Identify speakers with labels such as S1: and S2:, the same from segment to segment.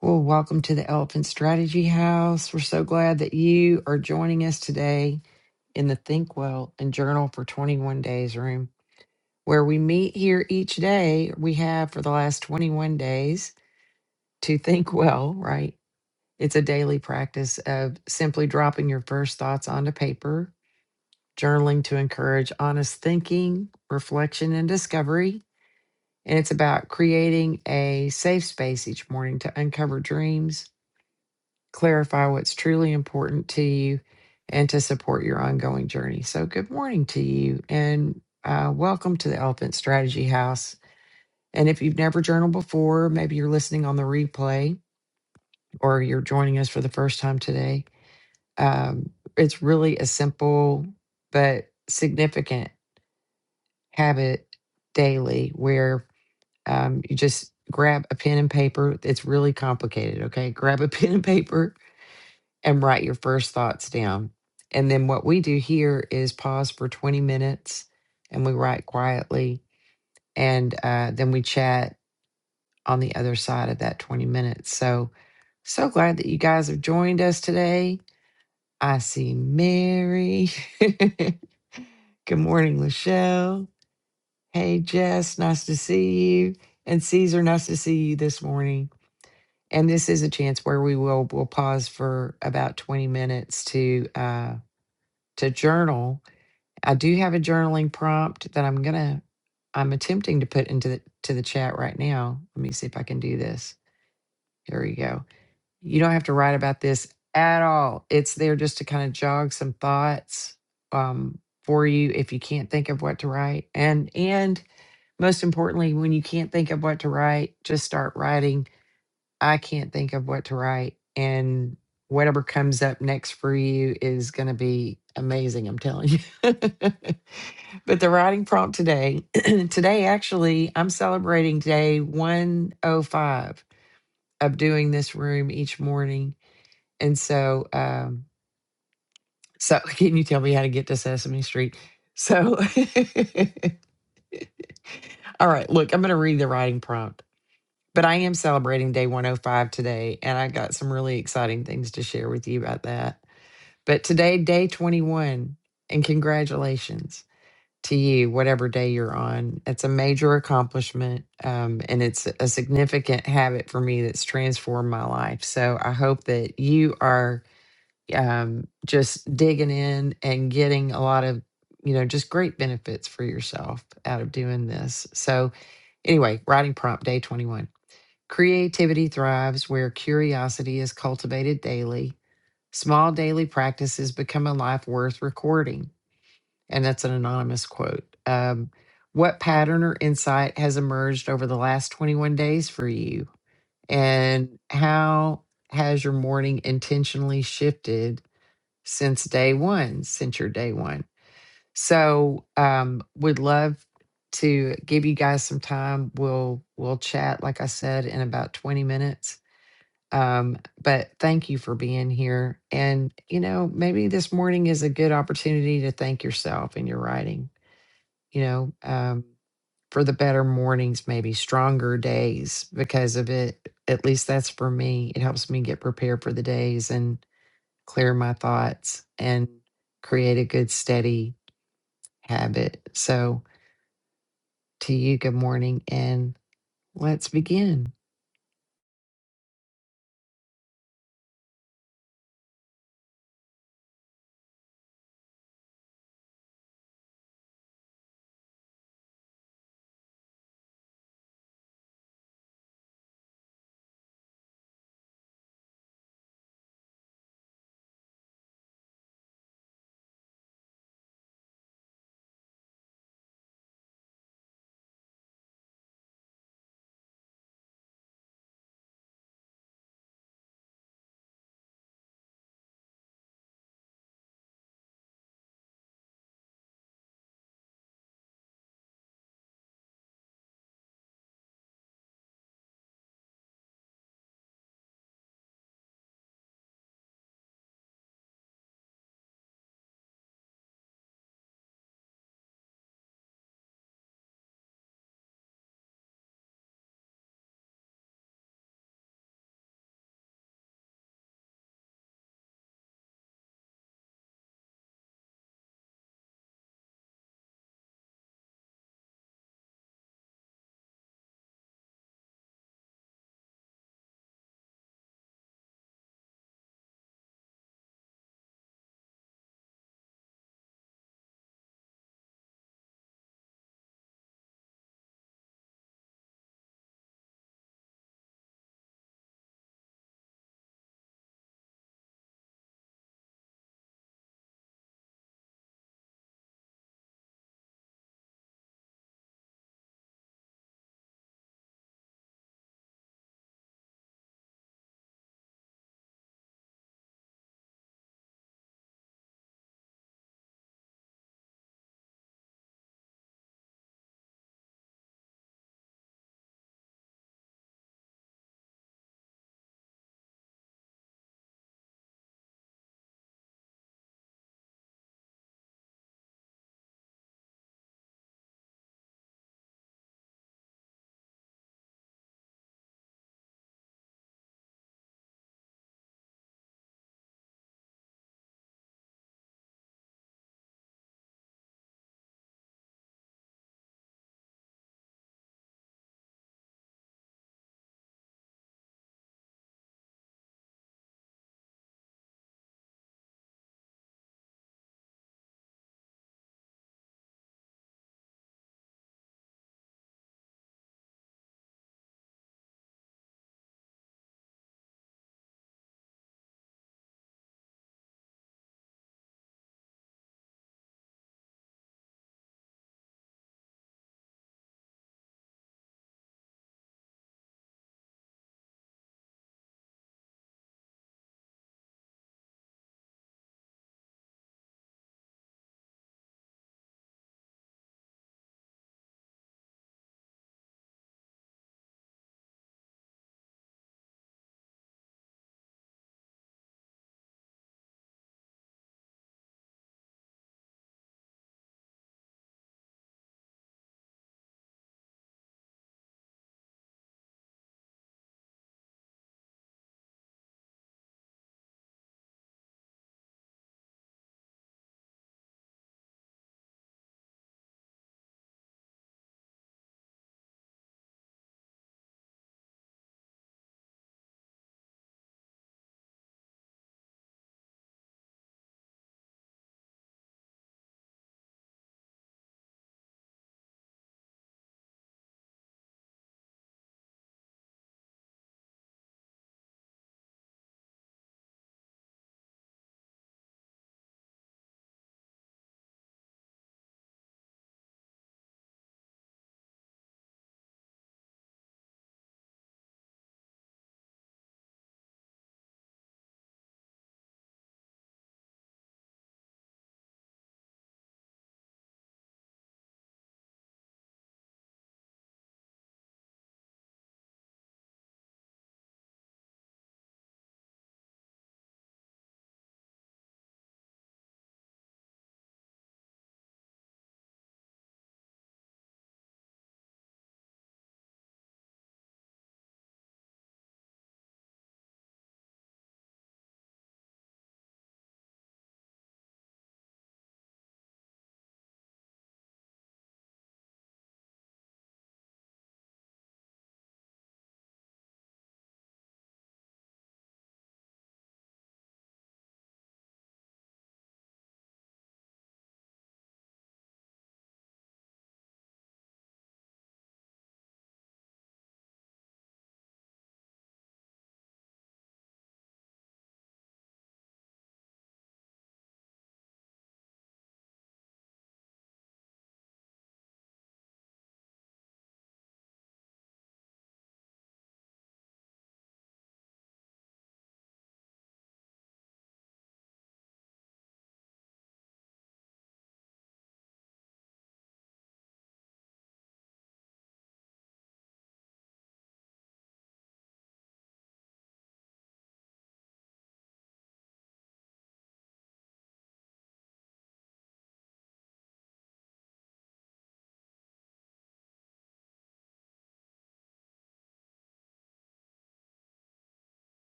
S1: Well, welcome to the Elephant Strategy House. We're so glad that you are joining us today in the Think Well and Journal for 21 Days room, where we meet here each day. We have for the last 21 days to think well, right? It's a daily practice of simply dropping your first thoughts onto paper, journaling to encourage honest thinking, reflection, and discovery. And it's about creating a safe space each morning to uncover dreams clarify what's truly important to you and to support your ongoing journey. So, good morning to you and uh, welcome to the Elephant Strategy House. And if you've never journaled before, maybe you're listening on the replay or you're joining us for the first time today, um, it's really a simple but significant habit daily where um, you just grab a pen and paper. It's really complicated, okay? Grab a pen and paper and write your first thoughts down. And then what we do here is pause for 20 minutes and we write quietly. And uh, then we chat on the other side of that 20 minutes. So, so glad that you guys have joined us today. I see Mary. Good morning, Lachelle. Hey, Jess, nice to see you. And Caesar, nice to see you this morning. And this is a chance where we will we will pause for about 20 minutes to uh, to journal. I do have a journaling prompt that I'm gonna I'm attempting to put into the to the chat right now. Let me see if I can do this. Here we go. You don't have to write about this at all. It's there just to kind of jog some thoughts um, for you if you can't think of what to write. And and most importantly, when you can't think of what to write, just start writing I can't think of what to write. And whatever comes up next for you is going to be amazing, I'm telling you. but the writing prompt today, today actually, I'm celebrating day 105 of doing this room each morning. And so, um, so can you tell me how to get to Sesame Street? So, all right, look, I'm going to read the writing prompt. But I am celebrating day 105 today, and I got some really exciting things to share with you about that. But today, day 21, and congratulations to you, whatever day you're on. It's a major accomplishment, um, and it's a significant habit for me that's transformed my life. So I hope that you are um, just digging in and getting a lot of, you know, just great benefits for yourself out of doing this. So, anyway, writing prompt day 21. Creativity thrives where curiosity is cultivated daily. Small daily practices become a life worth recording. And that's an anonymous quote. Um, what pattern or insight has emerged over the last 21 days for you? And how has your morning intentionally shifted since day one, since your day one? So, um, would love to give you guys some time. We'll we'll chat, like I said, in about 20 minutes um, but thank you for being here. And, you know, maybe this morning is a good opportunity to thank yourself in your writing, you know, um, for the better mornings, maybe stronger days because of it. At least that's for me. It helps me get prepared for the days and clear my thoughts and create a good, steady habit. So, to you, good morning. And let's begin.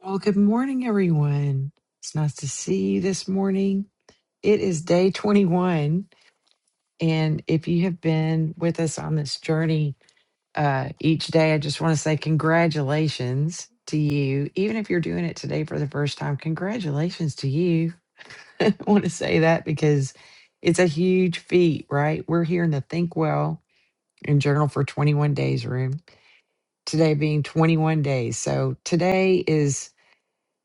S1: Well, good morning, everyone. It's nice to see you this morning. It is day 21. And if you have been with us on this journey uh, each day, I just want to say congratulations to you. Even if you're doing it today for the first time, congratulations to you. I want to say that because it's a huge feat, right? We're here in the Think Well and Journal for 21 Days room, today being 21 days. So today is.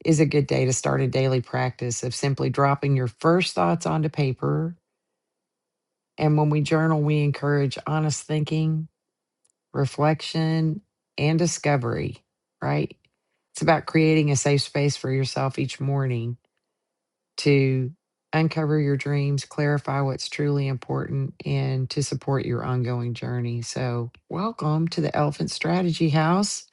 S1: Is a good day to start a daily practice of simply dropping your first thoughts onto paper And when we journal, we encourage honest thinking, reflection, and discovery, right? It's about creating a safe space for yourself each morning to uncover your dreams, clarify what's truly important, and to support your ongoing journey. So, welcome to the Elephant Strategy House.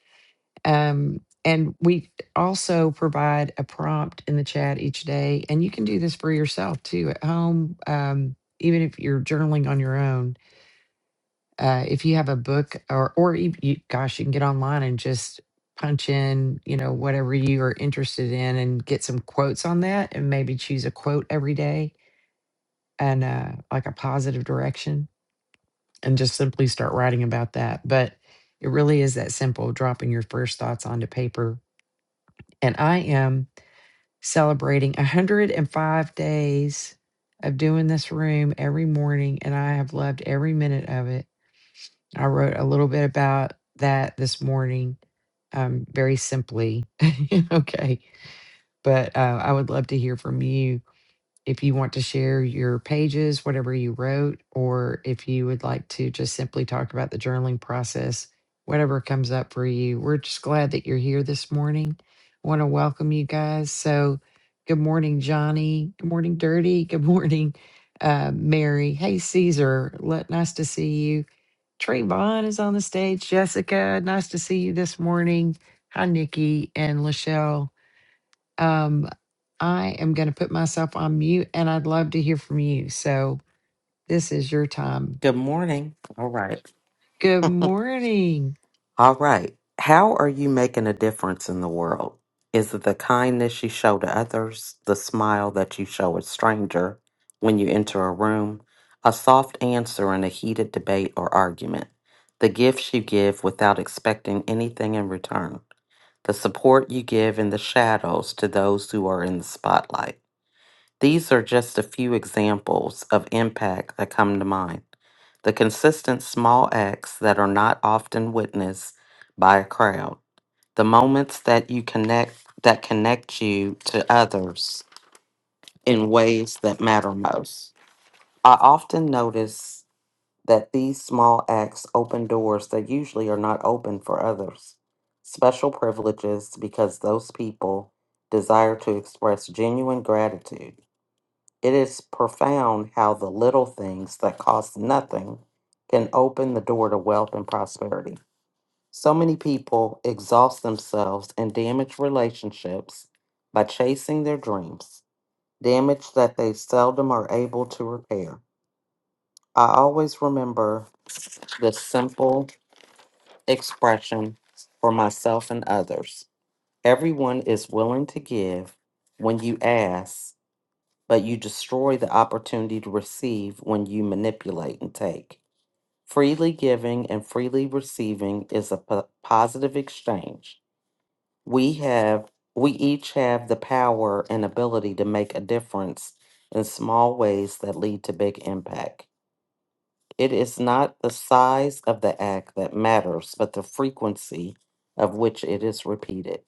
S1: Um, and we also provide a prompt in the chat each day. And you can do this for yourself too at home, um, even if you're journaling on your own uh, if you have a book or or you, you, gosh you can get online and just punch in you know whatever you are interested in and get some quotes on that and maybe choose a quote every day and uh, like a positive direction and just simply start writing about that but it really is that simple dropping your first thoughts onto paper and i am celebrating 105 days of doing this room every morning and i have loved every minute of it I wrote a little bit about that this morning, um, very simply. okay. But uh, I would love to hear from you if you want to share your pages, whatever you wrote, or if you would like to just simply talk about the journaling process, whatever comes up for you. We're just glad that you're here this morning. I want to welcome you guys. So, good morning, Johnny. Good morning, Dirty. Good morning, uh, Mary. Hey, Caesar. Let, nice to see you. Trayvon is on the stage. Jessica, nice to see you this morning. Hi, Nikki and Lachelle. Um, I am going to put myself on mute and I'd love to hear from you. So this is your time.
S2: Good morning. All right.
S1: Good morning.
S2: All right. How are you making a difference in the world? Is it the kindness you show to others, the smile that you show a stranger when you enter a room, a soft answer in a heated debate or argument, the gifts you give without expecting anything in return, the support you give in the shadows to those who are in the spotlight? These are just a few examples of impact that come to mind. The consistent small acts that are not often witnessed by a crowd. The moments that you connect that connect you to others in ways that matter most. I often notice that these small acts open doors that usually are not open for others. Special privileges because those people desire to express genuine gratitude it is profound how the little things that cost nothing can open the door to wealth and prosperity. So many people exhaust themselves and damage relationships by chasing their dreams, damage that they seldom are able to repair. I always remember this simple expression for myself and others everyone is willing to give when you ask but you destroy the opportunity to receive when you manipulate and take. Freely giving and freely receiving is a po- positive exchange. We have we each have the power and ability to make a difference in small ways that lead to big impact. It is not the size of the act that matters, but the frequency of which it is repeated.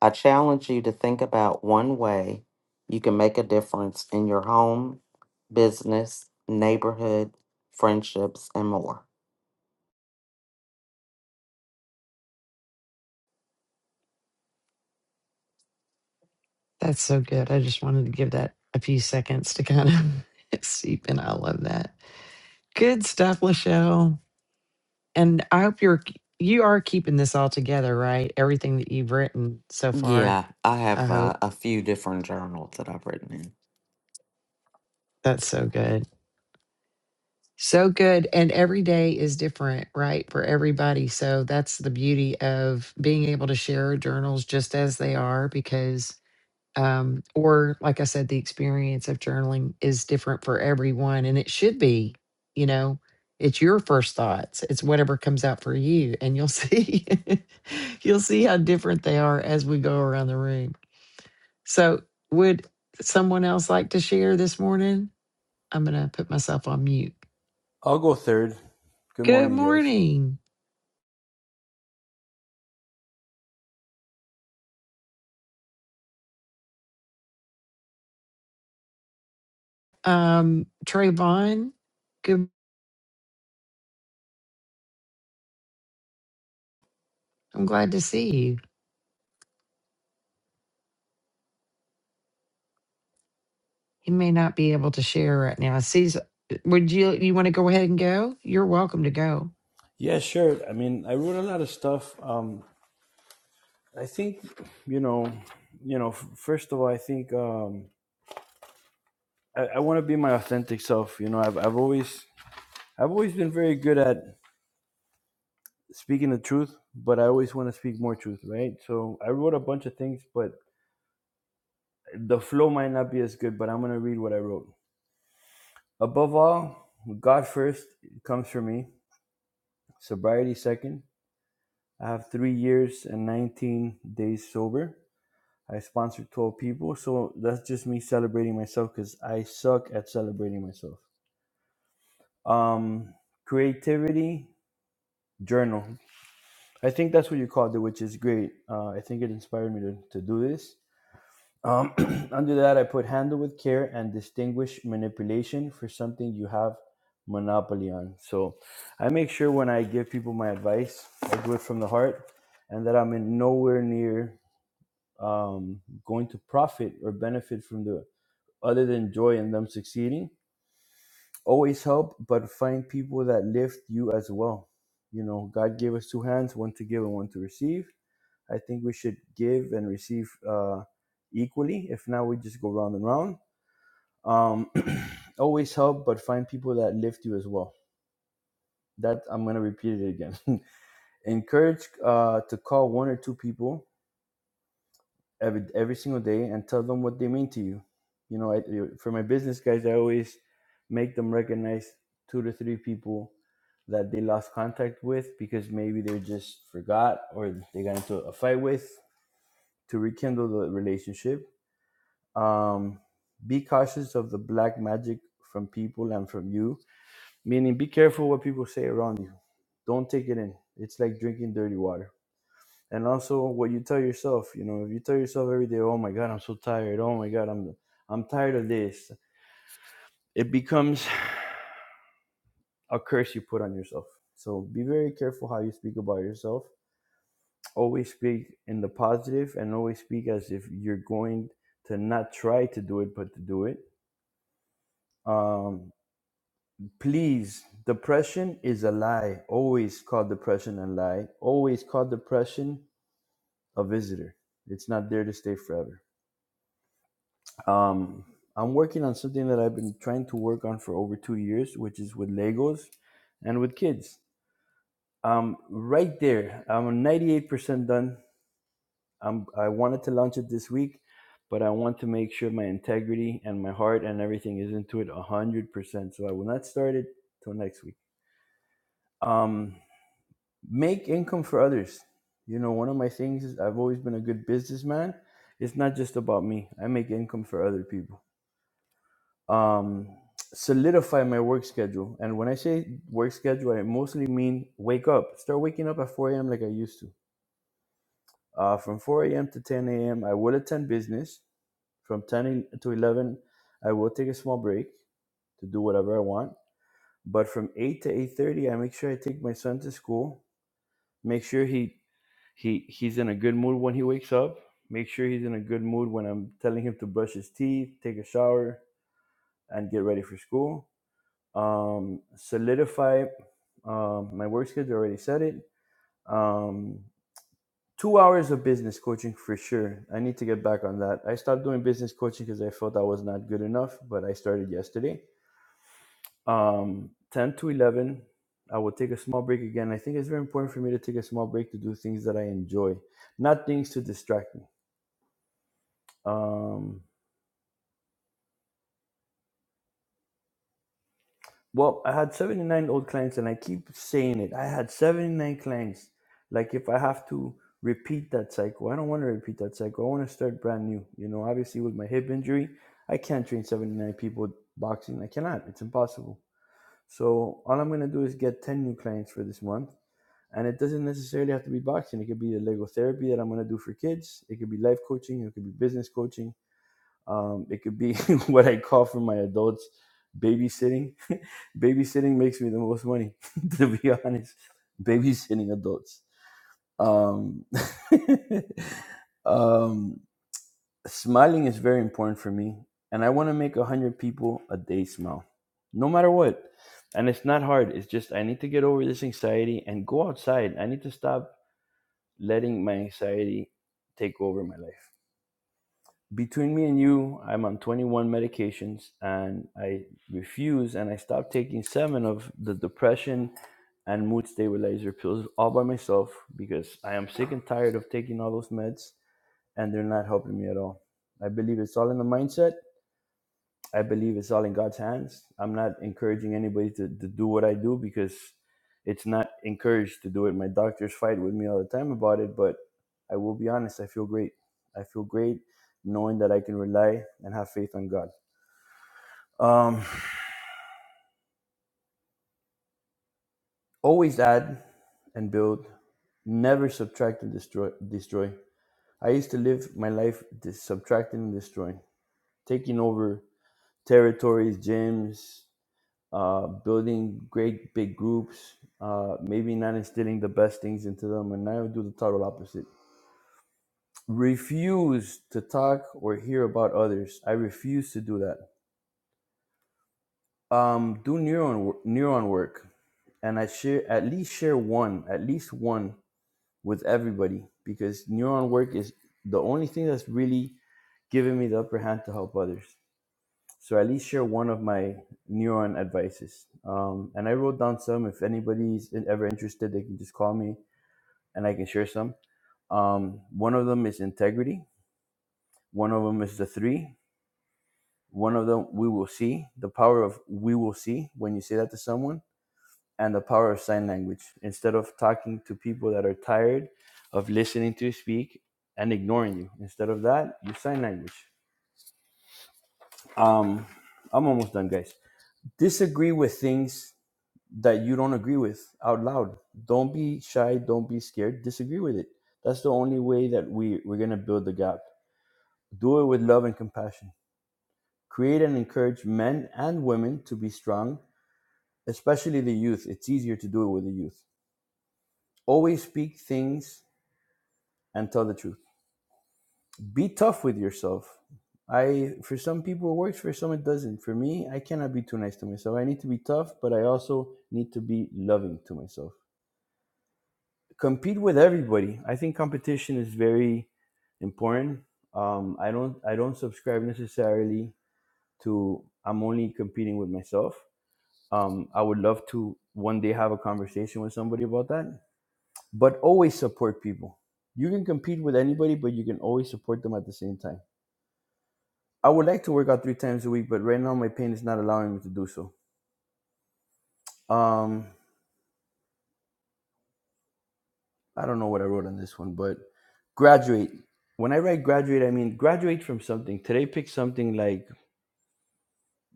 S2: I challenge you to think about one way you can make a difference in your home, business, neighborhood, friendships, and more.
S1: That's so good. I just wanted to give that a few seconds to kind of seep in. I love that. Good stuff, Lachelle. And I hope you're you are keeping this all together, right? Everything that you've written so far.
S2: Yeah, I
S1: I
S2: have uh,
S1: hope
S2: a few different journals that I've written in.
S1: that's so good. So good. And every day is different, right, for everybody. So that's the beauty of being able to share journals just as they are, because, um, or like I said, the experience of journaling is different for everyone. And it should be, you know, it's your first thoughts, it's whatever comes out for you. And you'll see, you'll see how different they are as we go around the room. So, would someone else like to share this morning? I'm going to put myself on mute.
S3: I'll go third. Good
S1: Good
S3: morning, guys.
S1: morning. Um, Trayvon, good. I'm glad to see you. He may not be able to share right now. Cecil, would you you want to go ahead and go? You're welcome to go.
S3: Yeah, sure. I mean, I wrote a lot of stuff. Um, I think, you know, you know. f- First of all, I think um, I, I want to be my authentic self. You know, I've I've always I've always been very good at speaking the truth, but I always want to speak more truth, right? So I wrote a bunch of things, but the flow might not be as good. But I'm gonna read what I wrote. Above all, God first comes for me. Sobriety second. I have three years and 19 days sober I sponsored 12 people, so that's just me celebrating myself because I suck at celebrating myself. Um, creativity journal. I think that's what you called it, which is great. Uh, I think it inspired me to, to do this. Um, under that, I put handle with care and distinguish manipulation for something you have monopoly on. So I make sure when I give people my advice, I do it from the heart and that I'm in nowhere near um, going to profit or benefit from the other than joy in them succeeding. Always help, but find people that lift you as well. You know, God gave us two hands, one to give and one to receive. I think we should give and receive uh, equally. If not, we just go round and round. Um, always help, but find people that lift you as well. That I'm gonna repeat it again. Encourage uh, to call one or two people every every single day and tell them what they mean to you. You know, I, for my business guys, I always make them recognize two to three people that they lost contact with because maybe they just forgot or they got into a fight with to rekindle the relationship. Um, be cautious of the black magic from people and from you, meaning be careful what people say around you. Don't take it in. It's like drinking dirty water and also what you tell yourself you know if you tell yourself every day oh my god i'm so tired oh my god i'm i'm tired of this it becomes a curse you put on yourself so be very careful how you speak about yourself always speak in the positive and always speak as if you're going to not try to do it but to do it um please depression is a lie always call depression a lie always call depression a visitor it's not there to stay forever Um, I'm working on something that I've been trying to work on for over two years, which is with Legos and with kids. Um, right there, I'm 98% done. I'm, I wanted to launch it this week, but I want to make sure my integrity and my heart and everything is into it 100%. So I will not start it till next week. Um, make income for others. You know, one of my things is I've always been a good businessman. It's not just about me, I make income for other people um, solidify my work schedule. And when I say work schedule, I mostly mean wake up, start waking up at 4 a.m. like I used to. Uh, from 4 a.m. to 10 a.m., I will attend business. From 10 e- to 11, I will take a small break to do whatever I want. But from 8 to 8:30, I make sure I take my son to school. Make sure he he he's in a good mood when he wakes up. Make sure he's in a good mood when I'm telling him to brush his teeth, take a shower, and get ready for school um, solidify um, my work schedule. Already said it. Um, two hours of business coaching for sure. I need to get back on that. I stopped doing business coaching because I felt I was not good enough, but I started yesterday. Um, Ten to eleven. I will take a small break again. I think it's very important for me to take a small break to do things that I enjoy, not things to distract me. Um, Well, I had 79 old clients, and I keep saying it. I had 79 clients. Like, if I have to repeat that cycle, I don't want to repeat that cycle. I want to start brand new. You know, obviously, with my hip injury, I can't train 79 people boxing. I cannot, it's impossible. So, all I'm going to do is get 10 new clients for this month. And it doesn't necessarily have to be boxing, it could be the Lego therapy that I'm going to do for kids, it could be life coaching, it could be business coaching um, it could be what I call for my adults babysitting. babysitting makes me the most money, to be honest. Babysitting adults. Um, um, smiling is very important for me, and I want to make a hundred people a day smile, no matter what. And it's not hard. It's just I need to get over this anxiety and go outside. I need to stop letting my anxiety take over my life between me and you, I'm on 21 medications and I refuse and I stopped taking seven of the depression and mood stabilizer pills all by myself because I am sick and tired of taking all those meds and they're not helping me at all. I believe it's all in the mindset I believe it's all in God's hands. I'm not encouraging anybody to, to do what I do because it's not encouraged to do it. My doctors fight with me all the time about it, but I will be honest, I feel great. I feel great knowing that I can rely and have faith on God. Um, always add and build, never subtract and destroy. destroy. I used to live my life dis- subtracting and destroying, taking over territories, gyms, uh, building great big groups, uh, maybe not instilling the best things into them, and I would do the total opposite. Refuse to talk or hear about others. I refuse to do that. Um, do neuron wor- neuron work, and I share at least share one, at least one with everybody because neuron work is the only thing that's really giving me the upper hand to help others. So at least share one of my neuron advices. Um, and I wrote down some. If anybody's ever interested, they can just call me and I can share some. Um, one of them is integrity. One of them is the three. One of them, we will see. The power of we will see when you say that to someone, and the power of sign language. Instead of talking to people that are tired of listening to you speak and ignoring you, instead of that, you sign language. Um, I'm almost done, guys. Disagree with things that you don't agree with out loud. Don't be shy. Don't be scared. Disagree with it. That's the only way that we, we're going to build the gap. Do it with love and compassion. Create and encourage men and women to be strong, especially the youth. It's easier to do it with the youth. Always speak things and tell the truth. Be tough with yourself. I for some people it works, for some it doesn't. For me, I cannot be too nice to myself. I need to be tough, but I also need to be loving to myself. compete with everybody. I think competition is very important. Um, I don't I don't subscribe necessarily to I'm only competing with myself. Um, I would love to one day have a conversation with somebody about that. But always support people. You can compete with anybody, but you can always support them at the same time. I would like to work out three times a week, but right now my pain is not allowing me to do so. Um, I don't know what I wrote on this one, but graduate. When I write graduate, I mean graduate from something. Today, pick something like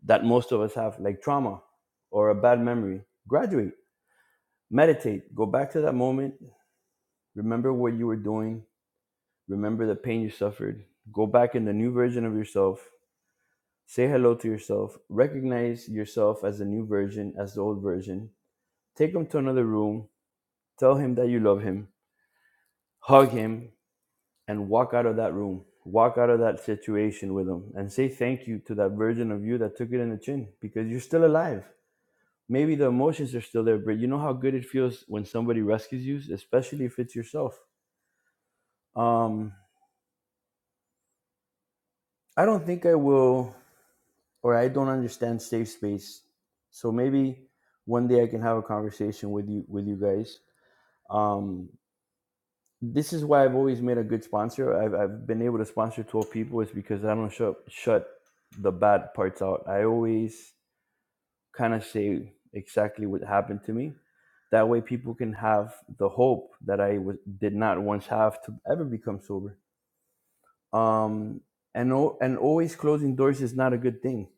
S3: that most of us have, like trauma or a bad memory. Graduate, meditate, go back to that moment, remember what you were doing, remember the pain you suffered, go back in the new version of yourself, say hello to yourself, recognize yourself as the new version, as the old version, take him to another room, tell him that you love him, hug him, and walk out of that room, walk out of that situation with them, and say thank you to that version of you that took it in the chin because you're still alive. Maybe the emotions are still there, but you know how good it feels when somebody rescues you, especially if it's yourself. Um, I don't think I will, or I don't understand safe space. So maybe one day I can have a conversation with you with you guys. Um, this is why I've always made a good sponsor. I've, I've been able to sponsor 12 people is because I don't shut, shut the bad parts out. I always kind of say exactly what happened to me. That way people can have the hope that I was, did not once have to ever become sober. Um, and, al- and always closing doors is not a good thing.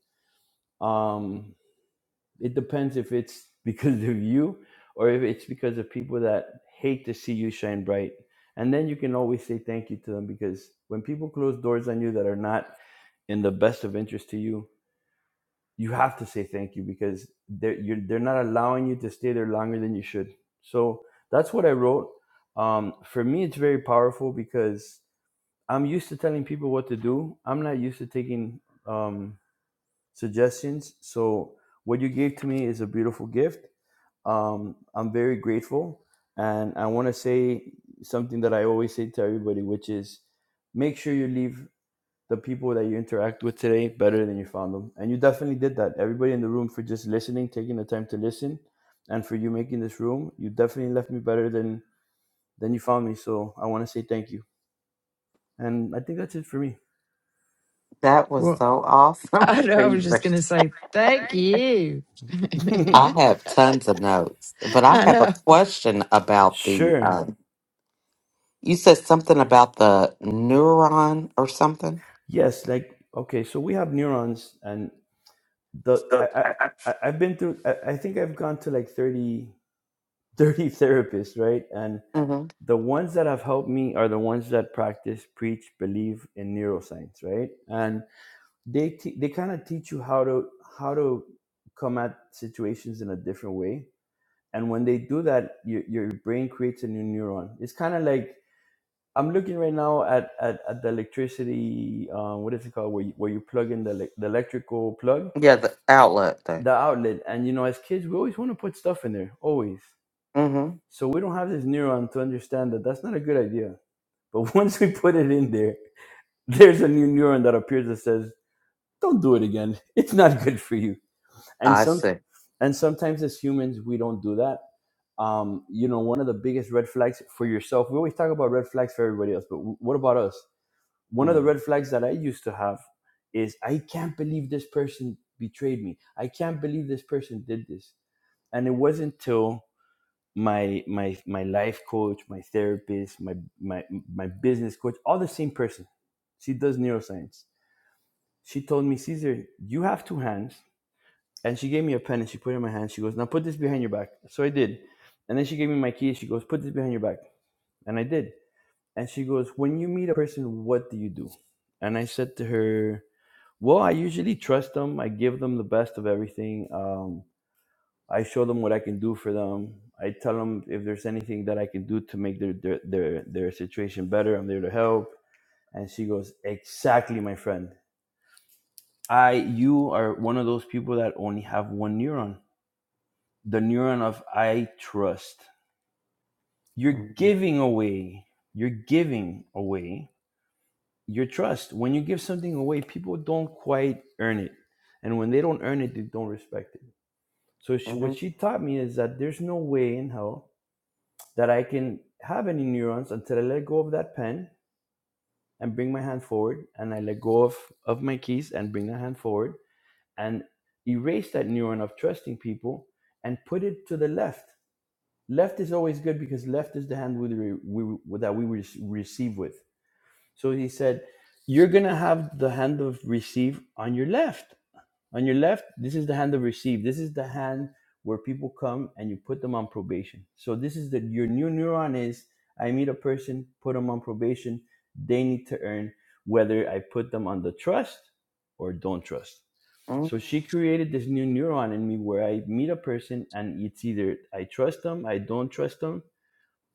S3: Um, it depends if it's because of you or if it's because of people that hate to see you shine bright. And then you can always say thank you to them because when people close doors on you that are not in the best of interest to you, you have to say thank you because they're you're, they're not allowing you to stay there longer than you should. So that's what I wrote. Um, for me, it's very powerful because I'm used to telling people what to do. I'm not used to taking um, suggestions. So what you gave to me is a beautiful gift um, I'm very grateful. And I want to say something that I always say to everybody, which is make sure you leave the people that you interact with today better than you found them. And you definitely did that. Everybody in the room for just listening, taking the time to listen, and for you making this room, you definitely left me better than than you found me. So I want to say thank you. And I think that's it for me.
S2: That was
S1: Well,
S2: so awesome.
S1: I know. I was just gonna say thank you.
S2: I have tons of notes, but I
S1: I
S2: have a
S1: know.
S2: question about the.
S3: sure.
S2: Uh, you said something about the neuron or something.
S3: Yes. Like okay. So we have neurons, and the I, I I- I've been through. I, I think I've gone to like thirty. 30 therapists, right? And
S2: hmm
S3: the ones that have helped me are the ones that practice, preach, believe in neuroscience, right? And they te- they kind of teach you how to how to come at situations in a different way. And when they do that, your your brain creates a new neuron. It's kind of like I'm looking right now at at, at the electricity. Uh, what is it called? Where you, where you plug in the elec- the electrical plug,
S2: Yeah, the outlet thing.
S3: the outlet. And you know, as kids, we always want to put stuff in there, always.
S2: hmm
S3: So we don't have this neuron to understand that that's not a good idea. But once we put it in there, there's a new neuron that appears that says, "Don't do it again. It's not good for you." And
S2: I
S3: some
S2: see.
S3: and sometimes as humans we don't do that. Um, you know, one of the biggest red flags for yourself. We always talk about red flags for everybody else, but w- what about us? One of the
S2: Mm-hmm.
S3: red flags that I used to have is I can't believe this person betrayed me. I can't believe this person did this. And it wasn't till my my my life coach, my therapist, my my my business coach, all the same person. She does neuroscience. She told me, "Cesar, you have two hands, and she gave me a pen and she put it in my hand. She goes, now put this behind your back. So I did, and then she gave me my keys. She goes, put this behind your back, and I did. And she goes, when you meet a person, what do you do? And I said to her, well, I usually trust them. I give them the best of everything. Um, I show them what I can do for them. I tell them if there's anything that I can do to make their their their, their situation better, I'm there to help. And she goes, "Exactly, my friend. I you are one of those people that only have one neuron. The neuron of I trust. You're giving away. You're giving away your trust. When you give something away, people don't quite earn it. And when they don't earn it, they don't respect it. So she, what she taught me is that there's no way in hell that I can have any neurons until I let go of that pen and bring my hand forward, and I let go of, of my keys and bring the hand forward and erase that neuron of trusting people and put it to the left. Left is always good because left is the hand we, we, that we re- receive with. So he said, You're going to have the hand of receive on your left on your left, this is the hand of receive. This is the hand where people come and you put them on probation. So this is the your new neuron is I meet a person, put them on probation. They need to earn whether I put them on the trust or don't trust.
S2: Mm,
S3: So she created this new neuron in me where I meet a person and it's either I trust them, I don't trust them,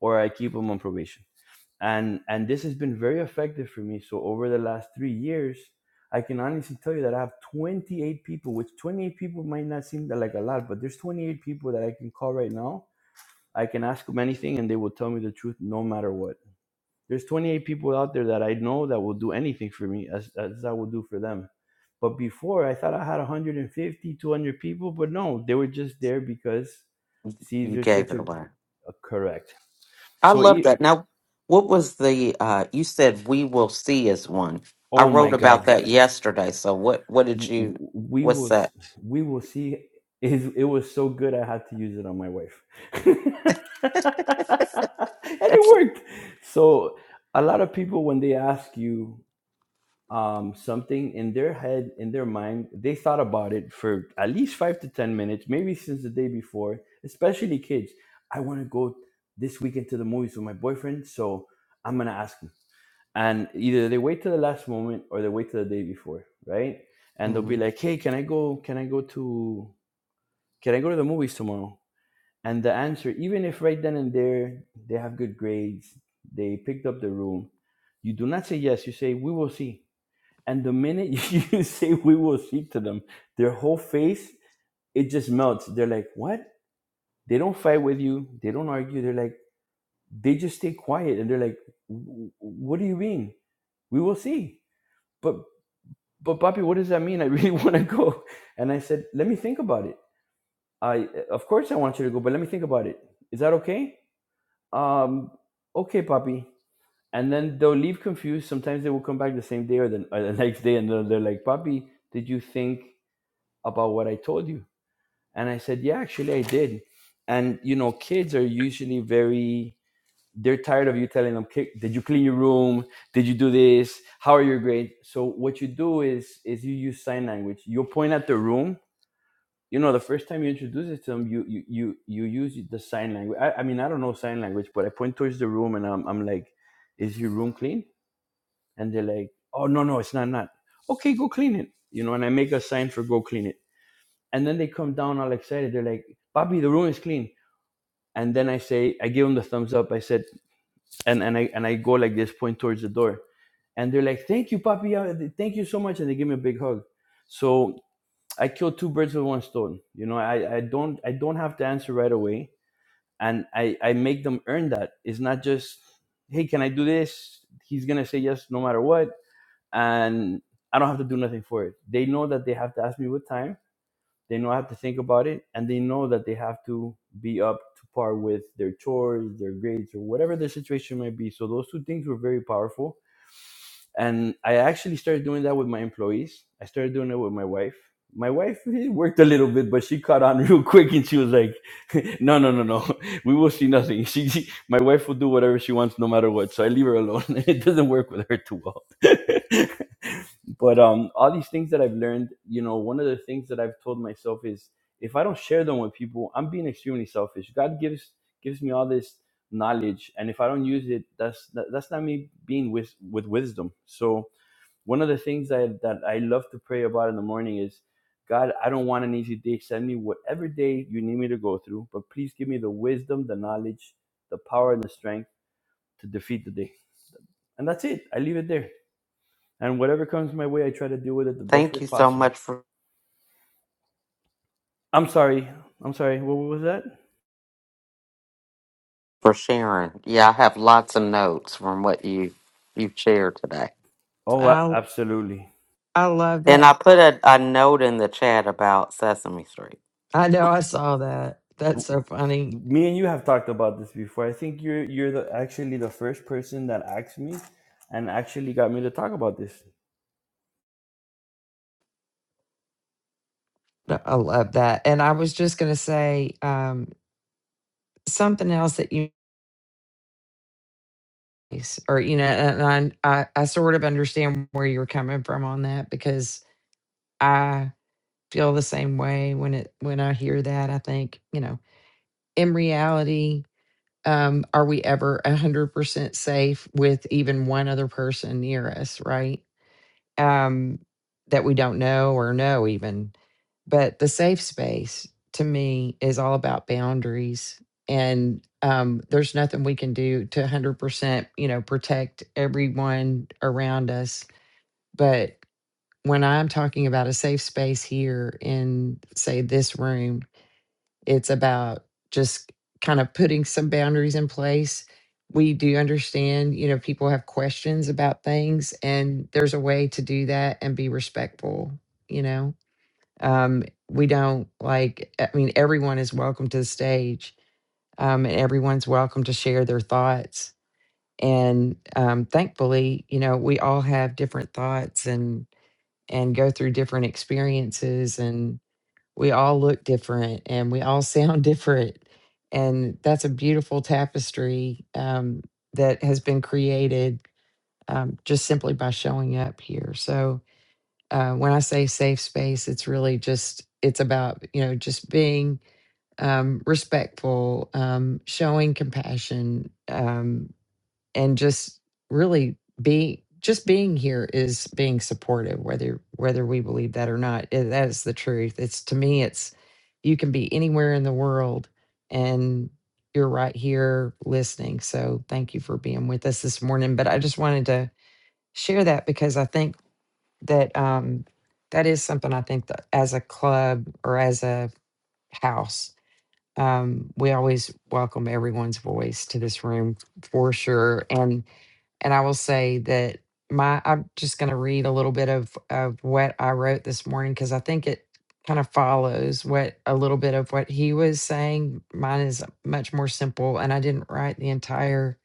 S3: or I keep them on probation and and this has been very effective for me so over the last three years i can honestly tell you that i have 28 people which 28 people might not seem like a lot but there's 28 people that i can call right now i can ask them anything and they will tell me the truth no matter what there's 28 people out there that i know that will do anything for me as, as i will do for them but before i thought i had 150, 200 people but no they were just there because
S2: You
S3: caesar's
S2: gave
S3: such
S2: it
S3: a,
S2: away.
S3: a correct
S2: I
S3: so
S2: love
S3: e-
S2: that. Now, what was the uh you said we will see as one. I
S3: oh my
S2: wrote about
S3: god
S2: that yesterday. So what what did
S3: w-
S2: you
S3: we
S2: what's
S3: will s-
S2: that?
S3: we will see is it was so good i had to use it on my wife and it worked so a lot of people when they ask you um, something in their head, in their mind. They thought about it for at least five to 10 minutes, maybe since the day before, especially kids. I want to go this weekend to the movies with my boyfriend, so I'm going to ask him. And either they wait till the last moment or they wait till the day before, right? And they'll
S2: hmm
S3: be like, hey, can I go, can I go to, can I go to the movies tomorrow? And the answer, even if right then and there they have good grades, they picked up the room, you do not say yes, you say, we will see and the minute you say we will speak to them, their whole face, it just melts. They're like, what? They don't fight with you. They don't argue. They're like, they just stay quiet. And they're like, "Wh- what do you mean? We will see. But, but Papi, what does that mean? I really want to go. And I said, let me think about it. I, of course I want you to go, but let me think about it. Is that okay? Um, okay, Papi. And then they'll leave confused. Sometimes they will come back the same day or the, or the next day. And they're, they're like, Papi, did you think about what I told you? And I said, Yeah, actually, I did. And, you know, kids are usually very, they're tired of you telling them, Did you clean your room? Did you do this? How are your grades? So what you do is, is you use sign language. You point at the room. You know, the first time you introduce it to them, you, you, you, you use the sign language. I, I mean, I don't know sign language, but I point towards the room and I'm, I'm like, is your room clean? And they're like, oh, no, no, it's not, not. Okay, go clean it. You know, and I make a sign for go clean it and then they come down all excited. They're like, "Papi, the room is clean. And then I say, I give them the thumbs up. I said, and, and I and I go like this, point towards the door. And they're like, Thank you, Papi. uh, Thank you so much. And they give me a big hug. So I killed two birds with one stone. You know, I, I don't I don't have to answer right away. And I, I make them earn that. It's not just, hey, can I do this? He's gonna say yes no matter what. And I don't have to do nothing for it. They know that they have to ask me what time they know I have to think about it, and they know that they have to be up to par with their chores, their grades, or whatever the situation might be. So those two things were very powerful and I actually started doing that with my employees. I started doing it with my wife. My wife worked a little bit, but she caught on real quick, and she was like, "No, no, no, no. We will see nothing. She, she- my wife will do whatever she wants, no matter what. So I leave her alone. it doesn't work with her too well." but um, all these things that I've learned, you know, one of the things that I've told myself is, if I don't share them with people, I'm being extremely selfish. God gives gives me all this knowledge and if i don't use it that's that, that's not me being with with wisdom so one of the things that that i love to pray about in the morning is god i don't want an easy day send me whatever day you need me to go through but please give me the wisdom the knowledge the power and the strength to defeat the day and that's it i leave it there and whatever comes my way i try to deal with it the best way
S2: Thank you so
S3: possible
S2: much for
S3: i'm sorry i'm sorry what was that
S2: for sharing. Yeah, I have lots of notes from what you you've shared today.
S3: oh
S1: I
S3: absolutely
S1: I love
S2: And
S1: that.
S2: I put a, a note in the chat about Sesame Street.
S1: I know. I saw that. That's
S3: w-
S1: so funny.
S3: me and you have talked about this before. I think you're you're the actually the first person that asked me and actually got me to talk about this.
S1: No, I love that. And I was just gonna say um, something else that you or you know, and I I, I sort of understand where you're coming from on that because I feel the same way when it when I hear that. I think, you know, in reality, um, are we ever a hundred percent safe with even one other person near us, right? Um, that we don't know or know even. But the safe space to me is all about boundaries. And um, there's nothing we can do to 100%, you know, protect everyone around us. but when I'm talking about a safe space here in, say, this room, it's about just kind of putting some boundaries in place. We do understand, you know, people have questions about things, and there's a way to do that and be respectful, you know. Um, we don't like, I mean, everyone is welcome to the stage, um, and everyone's welcome to share their thoughts. And um, thankfully, you know, we all have different thoughts and and go through different experiences and we all look different and we all sound different and that's a beautiful tapestry um, that has been created um, just simply by showing up here so uh, when i say safe space it's really just it's about you know just being um, respectful um, showing compassion um, and just really be just being here is being supportive whether whether we believe that or not eh, that is the truth it's to me it's you can be anywhere in the world and you're right here listening so thank you for being with us this morning but i just wanted to share that because i think that um that is something i think that as a club or as a house um we always welcome everyone's voice to this room for sure and and I will say that my I'm just going to read a little bit of of what I wrote this morning because I think it kind of follows what a little bit of what he was saying. Mine is much more simple, and I didn't write the entire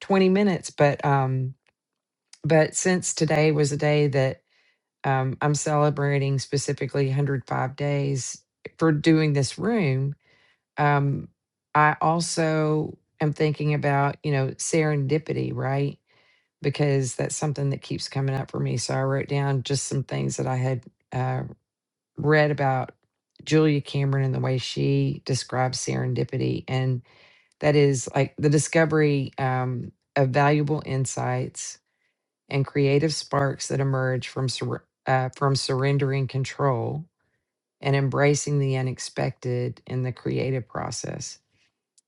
S1: 20 minutes, but um, but since today was a day that um, I'm celebrating specifically 105 days for doing this room, um, I also am thinking about you know serendipity, right? because that's something that keeps coming up for me. So I wrote down just some things that I had uh, read about Julia Cameron and the way she describes serendipity. And that is like the discovery um, of valuable insights and creative sparks that emerge from, sur- uh, from surrendering control and embracing the unexpected in the creative process.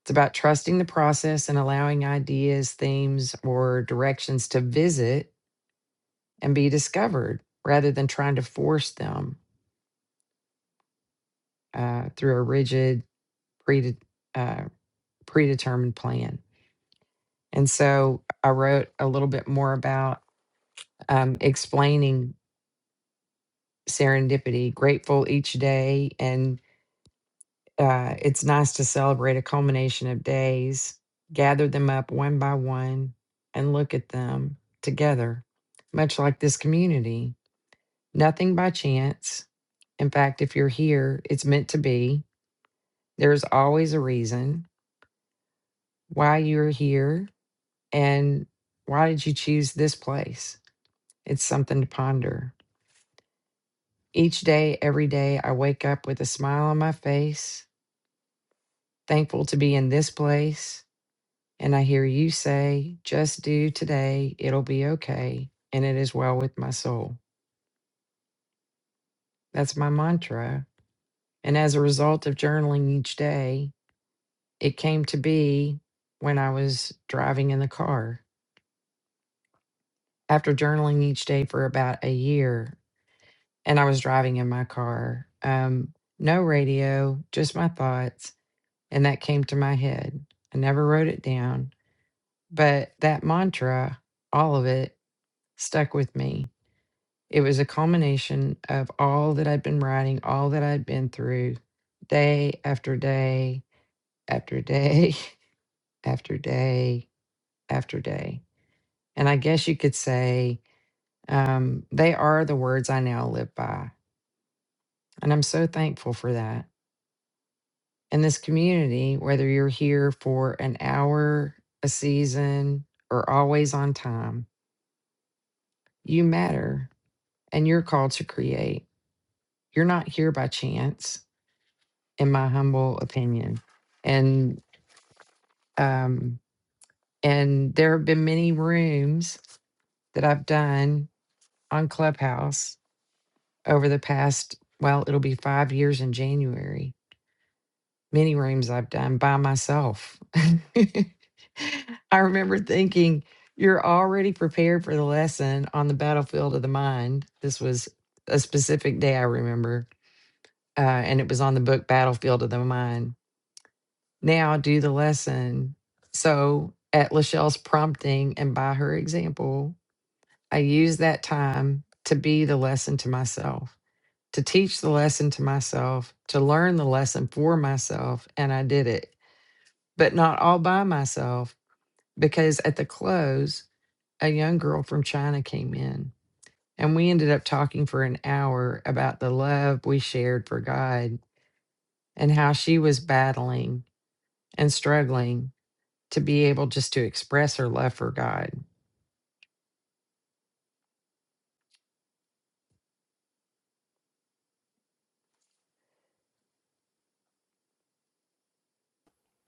S1: It's about trusting the process and allowing ideas, themes, or directions to visit and be discovered rather than trying to force them uh, through a rigid, pre- uh, predetermined plan. And so I wrote a little bit more about um, explaining serendipity, grateful each day. And uh, it's nice to celebrate a culmination of days, gather them up one by one, and look at them together, much like this community. Nothing by chance. In fact, if you're here, it's meant to be There's always a reason why you're here and why did you choose this place? It's something to ponder. Each day, every day, I wake up with a smile on my face, thankful to be in this place. And I hear you say, just do today, it'll be okay. And it is well with my soul. That's my mantra. And as a result of journaling each day, it came to be when I was driving in the car after journaling each day for about a year and I was driving in my car, um, no radio, just my thoughts. And that came to my head. I never wrote it down, but that mantra, all of it, stuck with me. It was a culmination of all that I'd been writing, all that I'd been through day after day after day after day after day. And I guess you could say um, they are the words I now live by And I'm so thankful for that. And this community, whether you're here for an hour, a season, or always on time, you matter and you're called to create. You're not here by chance, in my humble opinion. And um, and there have been many rooms that I've done on Clubhouse over the past, well, it'll be five years in January many rooms I've done by myself. I remember thinking, you're already prepared for the lesson on the battlefield of the mind. This was a specific day I remember, uh, and it was on the book Battlefield of the Mind. Now do the lesson. So, at Lachelle's prompting and by her example, I used that time to be the lesson to myself, to teach the lesson to myself, to learn the lesson for myself, and I did it but not all by myself because at the close, a young girl from China came in and we ended up talking for an hour about the love we shared for God and how she was battling and struggling to be able just to express her love for God.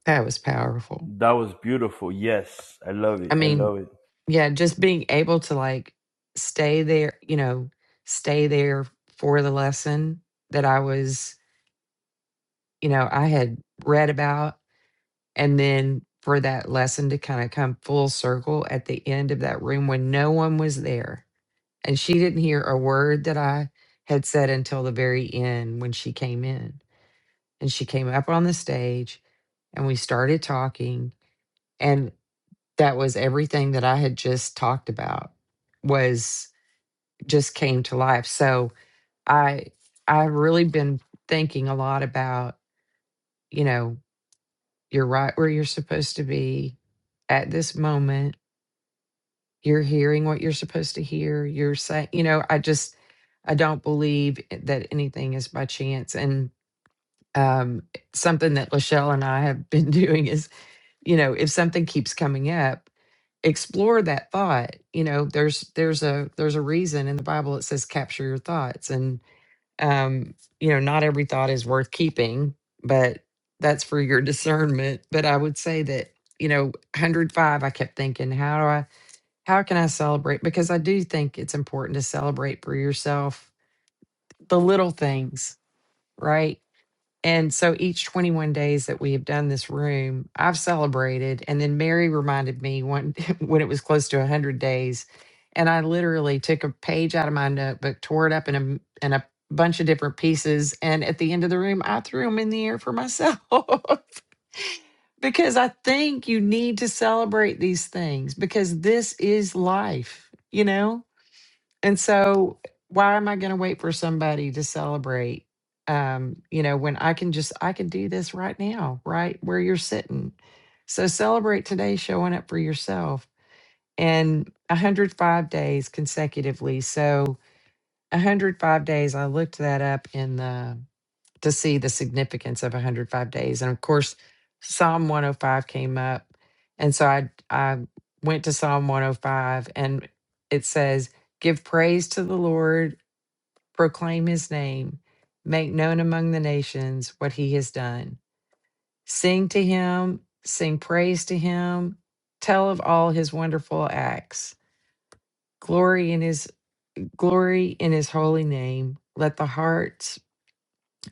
S1: That was powerful.
S3: That was beautiful. Yes, I love it.
S1: I
S3: I
S1: mean,
S3: love it.
S1: yeah, just being able to like stay there, you know, stay there for the lesson that I was, you know, I had read about And then for that lesson to kind of come full circle at the end of that room when no one was there. And she didn't hear a word that I had said until the very end when she came in. And she came up on the stage and we started talking. And that was everything that I had just talked about was just came to life. So I I've really been thinking a lot about, you know, you're right where you're supposed to be at this moment you're hearing what you're supposed to hear you're saying you know i just i don't believe that anything is by chance and um something that lachelle and i have been doing is you know if something keeps coming up explore that thought you know there's there's a there's a reason in the bible it says capture your thoughts and um you know not every thought is worth keeping but that's for your discernment but i would say that you know 105 i kept thinking how do i how can I celebrate? Because I do think it's important to celebrate for yourself the little things, right? And so each 21 days that we have done this room, I've celebrated. And then Mary reminded me one when it was close to 100 days. And I literally took a page out of my notebook, tore it up in a, in a bunch of different pieces. And at the end of the room, I threw them in the air for myself because I think you need to celebrate these things because this is life, you know? And so, why am I going to wait for somebody to celebrate? Um, you know, when I can just I can do this right now, right where you're sitting. So celebrate today, showing up for yourself, and 105 days consecutively. So 105 days. I looked that up in the to see the significance of 105 days. And of course, Psalm 105 came up. And so I I went to Psalm 105 and it says, "Give praise to the Lord, proclaim his name, make known among the nations what he has done. Sing to him, sing praise to him, tell of all his wonderful acts. Glory in his glory in his holy name. Let the hearts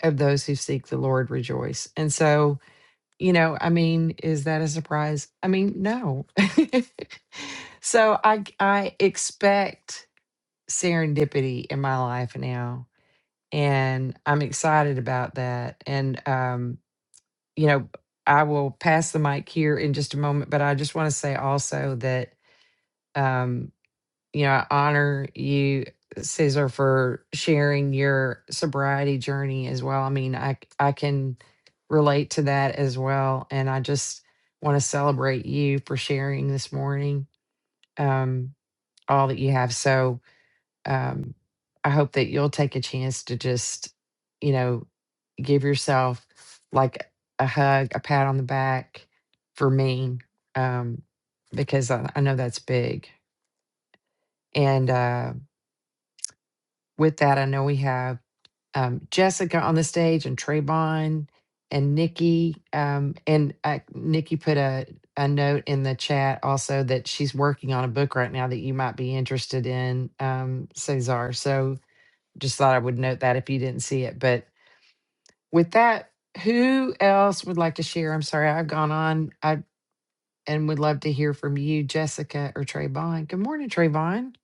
S1: of those who seek the Lord rejoice." And so you know i mean is that a surprise i mean no so i g- i expect serendipity in my life now and i'm excited about that and um you know i will pass the mic here in just a moment but i just want to say also that um you know, I honor you, Caesar, for sharing your sobriety journey as well. I mean, i I can relate to that as well, and I just want to celebrate you for sharing this morning, um, all that you have. So, um, I hope that you'll take a chance to just, you know, give yourself like a hug, a pat on the back for me, um, because I, I know that's big and. uh, With that, I know we have um, Jessica on the stage and Trayvon and Nikki. Um, and uh, Nikki put a, a note in the chat also that she's working on a book right now that you might be interested in, um, Cesar. So just thought I would note that if you didn't see it. But with that, who else would like to share? I'm sorry, I've gone on. I and would love to hear from you, Jessica or Trayvon. Good morning, Trayvon.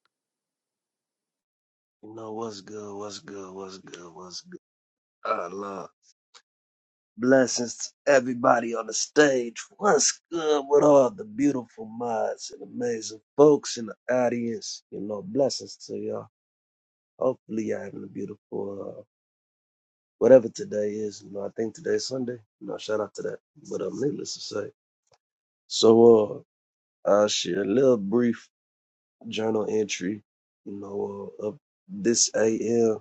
S4: You know what's good, what's good, what's good, what's good. I love blessings to everybody on the stage. What's good with all the beautiful minds and amazing folks in the audience? You know, blessings to y'all. Hopefully, y'all having a beautiful uh, whatever today is. You know, I think today's Sunday. You know, shout out to that. But um, needless to say, so uh, I'll share a little brief journal entry. You know, uh, of this AM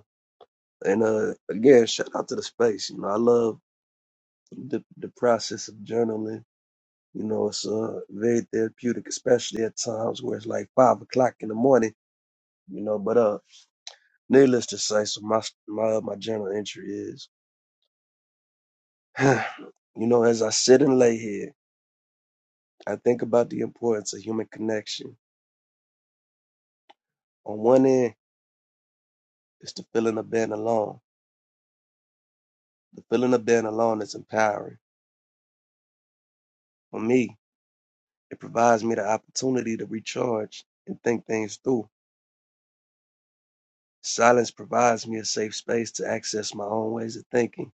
S4: and uh, again, shout out to the space. You know, I love the, the process of journaling. You know, it's uh, very therapeutic, especially at times where it's like five o'clock in the morning. You know, but uh, needless to say, so my my uh, my journal entry is, you know, as I sit and lay here, I think about the importance of human connection. On one end, it's the feeling of being alone. The feeling of being alone is empowering for me. It provides me the opportunity to recharge and think things through. Silence provides me a safe space to access my own ways of thinking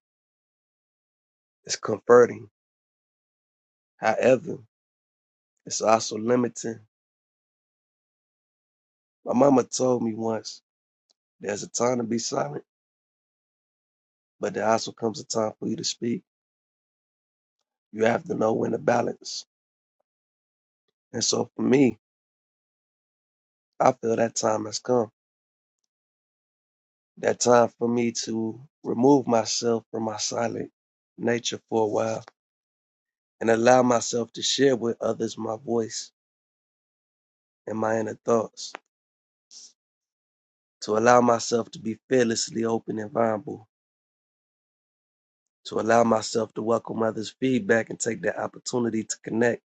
S4: It's comforting. However, it's also limiting. My mama told me once, there's a time to be silent, but there also comes a time for you to speak. You have to know when to balance. And so for me, I feel that time has come. That time for me to remove myself from my silent nature for a while and allow myself to share with others my voice and my inner thoughts. To allow myself to be fearlessly open and vulnerable to allow myself to welcome others' feedback and take that opportunity to connect.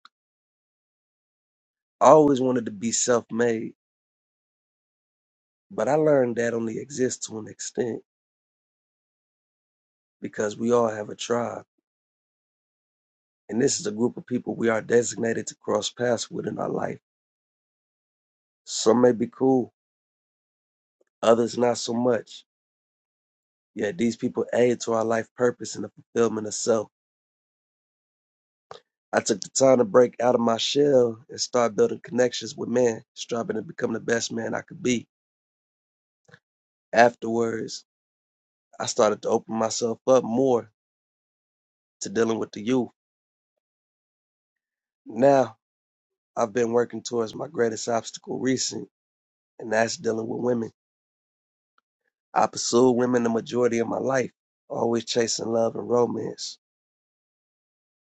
S4: I always wanted to be self made, but I learned that only exists to an extent because we all have a tribe. And this is a group of people we are designated to cross paths with in our life. Some may be cool, others not so much. Yet these people aid to our life purpose and the fulfillment of self. I took the time to break out of my shell and start building connections with man, striving to become the best man I could be. Afterwards, I started to open myself up more to dealing with the youth. Now I've been working towards my greatest obstacle recent, and that's dealing with women. I pursued women the majority of my life, always chasing love and romance,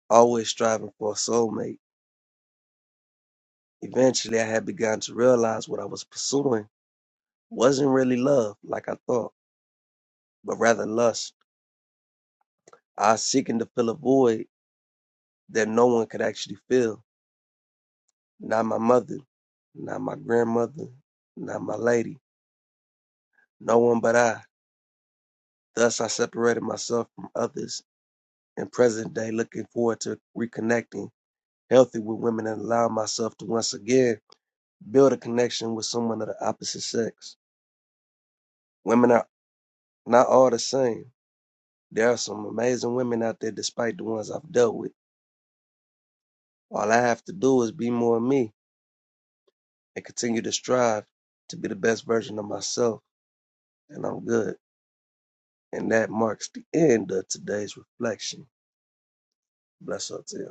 S4: always striving for a soulmate. Eventually, I had begun to realize what I was pursuing wasn't really love like I thought, but rather lust. I was seeking to fill a void that no one could actually fill. Not my mother, not my grandmother, not my lady, no one but I. Thus, I separated myself from others in present day, looking forward to reconnecting healthy with women and allowing myself to once again build a connection with someone of the opposite sex. Women are not all the same. There are some amazing women out there, despite the ones I've dealt with. All I have to do is be more me and continue to strive to be the best version of myself, and I'm good. And that marks the end of today's reflection. Bless up to you.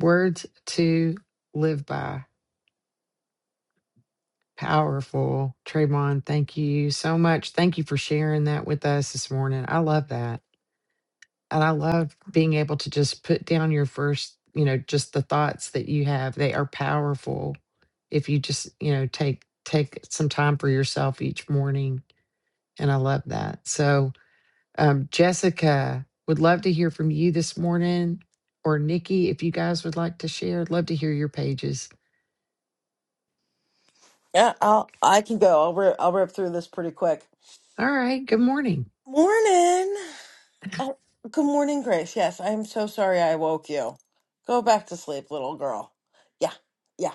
S1: Words to live by. Powerful. Trayvon, thank you so much. Thank you for sharing that with us this morning. I love that. And I love being able to just put down your first, you know, just the thoughts that you have. They are powerful if you just, you know, take take some time for yourself each morning. And I love that. So Um, Jessica, would love to hear from you this morning, or Nikki, if you guys would like to share. I'd love to hear your pages.
S5: Yeah, I'll, I can go. I'll rip, I'll rip through this pretty quick.
S1: All right, good morning.
S5: Morning. Oh, good morning, Grace. Yes, I'm so sorry I woke you. Go back to sleep, little girl. Yeah, yeah.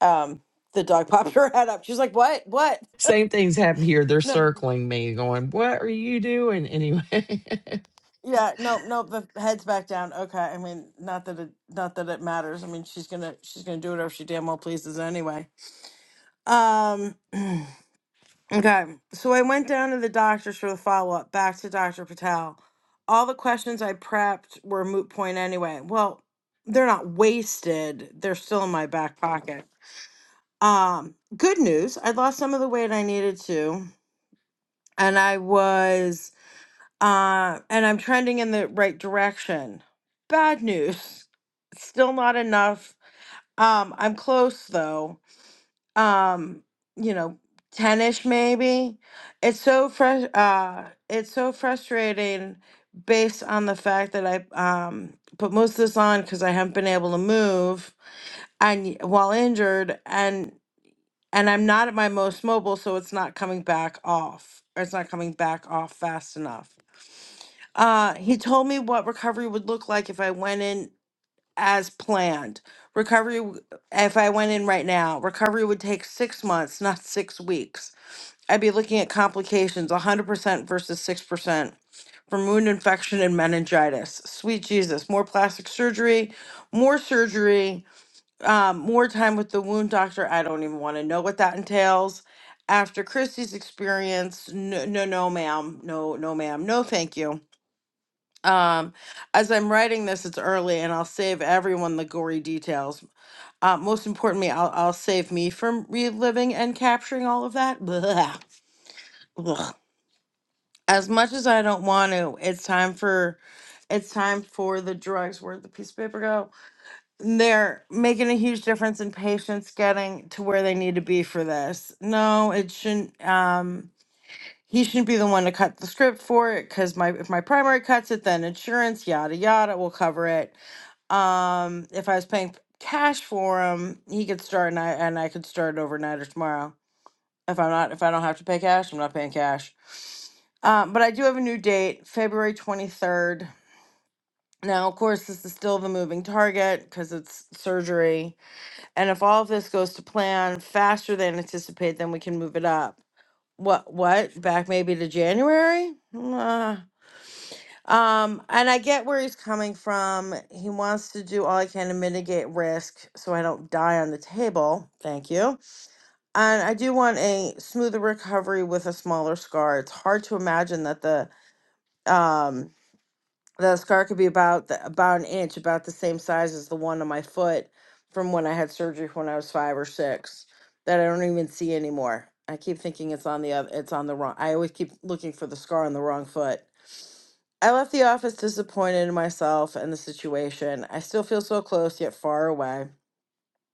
S5: Um, the dog popped her head up. She's like, "What? What?"
S1: Same things happen here. They're
S5: No,
S1: circling me, going, "What are you doing?" Anyway, and
S5: yeah, no, no. The head's back down. Okay. I mean, not that it, not that it matters. I mean, she's gonna, she's gonna do whatever she damn well pleases anyway. Um. Okay, so I went down to the doctors for the follow up, back to Dr. Patel. All the questions I prepped were moot point anyway. Well, they're not wasted, they're still in my back pocket. Um, good news, I lost some of the weight I needed to, and I was, uh, and I'm trending in the right direction. Bad news, still not enough. Um, I'm close though um, you know, tennis maybe. It's so fresh uh it's so frustrating based on the fact that I um put most of this on because I haven't been able to move and y- while injured and and I'm not at my most mobile, so it's not coming back off. Or it's not coming back off fast enough. Uh, he told me what recovery would look like if I went in as planned. Recovery, w- if I went in right now, recovery would take six months, not six weeks. I'd be looking at complications 100% versus 6% from wound infection and meningitis. Sweet Jesus, more plastic surgery, more surgery, um, more time with the wound doctor. I don't even want to know what that entails. After Christy's experience, no, no, no, ma'am, no, no, ma'am, no, thank you. Um, as I'm writing this, it's early, and I'll save everyone the gory details. Uh, most importantly, I'll, I'll save me from reliving and capturing all of that. Blah, Ugh. As much as I don't want to, it's time for, it's time for the drugs. Where'd the piece of paper go? They're making a huge difference in patients getting to where they need to be for this. No, it shouldn't. Um, he shouldn't be the one to cut the script for it because my if my primary cuts it, then insurance, yada yada, will cover it Um, if I was paying cash for him, he could start and I and I could start overnight or tomorrow. If I'm not, if I don't have to pay cash, I'm not paying cash. Um, but I do have a new date, February 23rd. Now, of course, this is still the moving target because it's surgery. And if all of this goes to plan faster than anticipate, then we can move it up. What? What? Back maybe to January? Uh, Um, and I get where he's coming from. He wants to do all he can to mitigate risk so I don't die on the table. Thank you. And I do want a smoother recovery with a smaller scar. It's hard to imagine that the um the scar could be about the, about an inch, about the same size as the one on my foot from when I had surgery when I was five or six that I don't even see anymore. I keep thinking it's on the other, it's on the wrong. I always keep looking for the scar on the wrong foot. I left the office disappointed in myself and the situation. I still feel so close yet far away.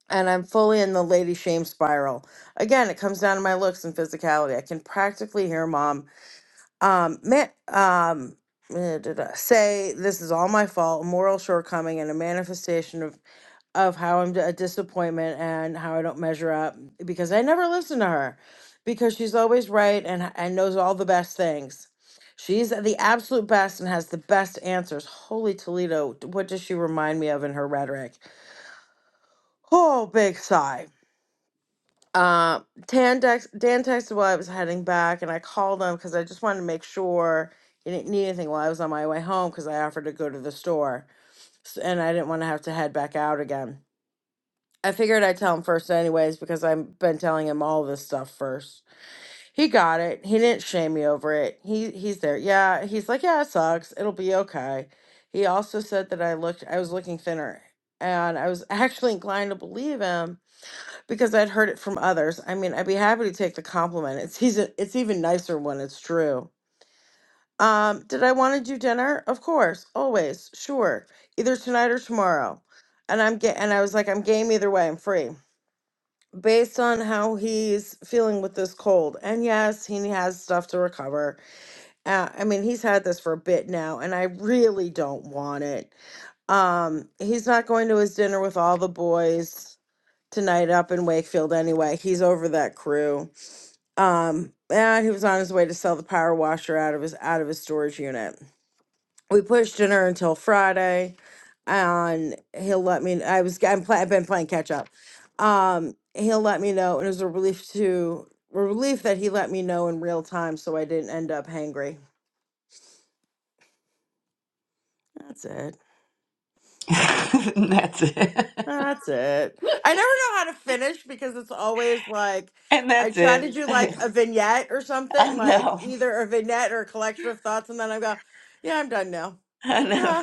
S5: And I'm fully in the lady shame spiral. Again, it comes down to my looks and physicality. I can practically hear mom um, man, um, eh, da- da- say this is all my fault, a moral shortcoming, and a manifestation of of how I'm a disappointment and how I don't measure up because I never listen to her because she's always right and and knows all the best things. She's the absolute best and has the best answers. Holy Toledo, what does she remind me of in her rhetoric? Oh, big sigh. Uh, Dan, dex- Dan texted while I was heading back, and I called him because I just wanted to make sure he didn't need anything while I was on my way home because I offered to go to the store, s- and I didn't want to have to head back out again. I figured I'd tell him first, anyways, because I've been telling him all this stuff first. He got it. He didn't shame me over it. He he's there. Yeah, he's like, yeah, it sucks. It'll be okay. He also said that I looked, I was looking thinner, and I was actually inclined to believe him because I'd heard it from others. I mean, I'd be happy to take the compliment. It's he's it's even nicer when it's true. Um, did I want to do dinner? Of course, always, sure, either tonight or tomorrow. And I'm get and I was like, I'm game either way. I'm free based on how he's feeling with this cold. And yes, he has stuff to recover. Uh, I mean, he's had this for a bit now, and I really don't want it. Um, he's not going to his dinner with all the boys tonight up in Wakefield anyway. He's over that crew. Um, and he was on his way to sell the power washer out of his out of his storage unit we pushed dinner until Friday, and he'll let me. I was I'm play, I've been playing catch up. Um, he'll let me know, and it was a relief to a relief that he let me know in real time, so I didn't end up hangry. That's it.
S1: that's it.
S5: That's it. I never know how to finish because it's always like
S1: And
S5: I
S1: that's
S5: try
S1: it.
S5: to do like
S1: I
S5: a vignette or something, like
S1: know.
S5: either a vignette or a collection of thoughts, and then I go, "Yeah, I'm done now."
S1: I know.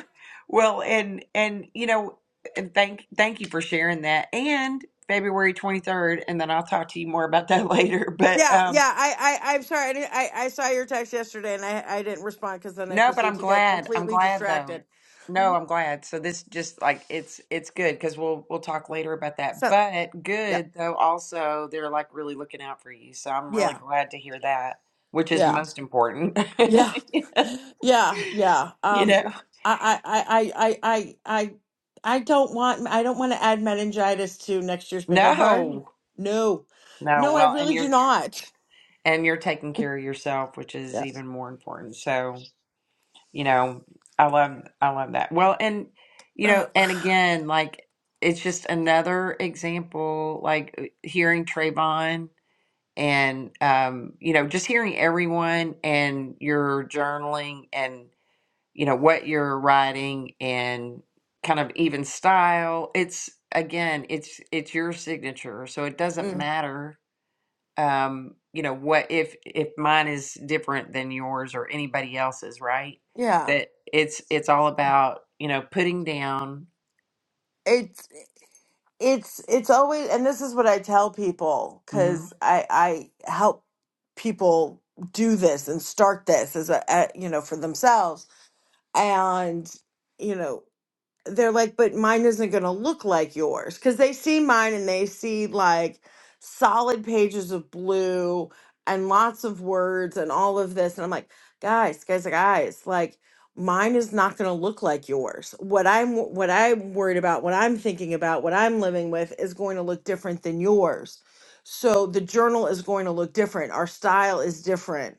S1: Well, and and you know, and thank thank you for sharing that. And February 23rd, and then I'll talk to you more about that later. But
S5: Yeah,
S1: um
S5: yeah. I, I, I'm sorry. I, didn't, I, I saw your text yesterday, and I, I didn't respond because then I
S1: No, but
S5: proceeded
S1: I'm
S5: to get
S1: glad. I'm
S5: completely
S1: glad though.
S5: distracted.
S1: No, I'm glad. So this just like it's it's good because we'll we'll talk later about that.
S5: So,
S1: But
S5: yeah,
S1: good though also they're like really looking out for you. So I'm really
S5: yeah,
S1: glad to hear that, which is
S5: yeah,
S1: most important.
S5: yeah, yeah, yeah.
S1: You
S5: Um,
S1: know.
S5: I, I, I, I, I, I, I I don't want, I don't want to add meningitis to next year's bingo card.
S1: No.
S5: No,
S1: No.
S5: no, I
S1: Well, and
S5: really do
S1: you're
S5: not.
S1: and you're taking care of yourself, which is
S5: Yeah.
S1: even more important. So you know i love i love that well and you
S5: Uh,
S1: know and again like it's just another example like uh, hearing Trayvon and um you know just hearing everyone and your journaling and you know what you're writing and kind of even style it's again it's it's your signature so it doesn't
S5: mm,
S1: matter um you know what if if mine is different than yours or anybody else's right
S5: yeah.
S1: that it's it's all about you know putting down
S5: It's. it's it's always and this is what I tell people
S1: mhm.
S5: because I I help people do this and start this as a, a you know for themselves and you know they're like, but mine isn't going to look like yours because they see mine and they see like solid pages of blue and lots of words and all of this. And I'm like, guys, guys, guys, like mine is not going to look like yours. What I'm, what I'm worried about, what I'm thinking about, what I'm living with is going to look different than yours. So the journal is going to look different. Our style is different.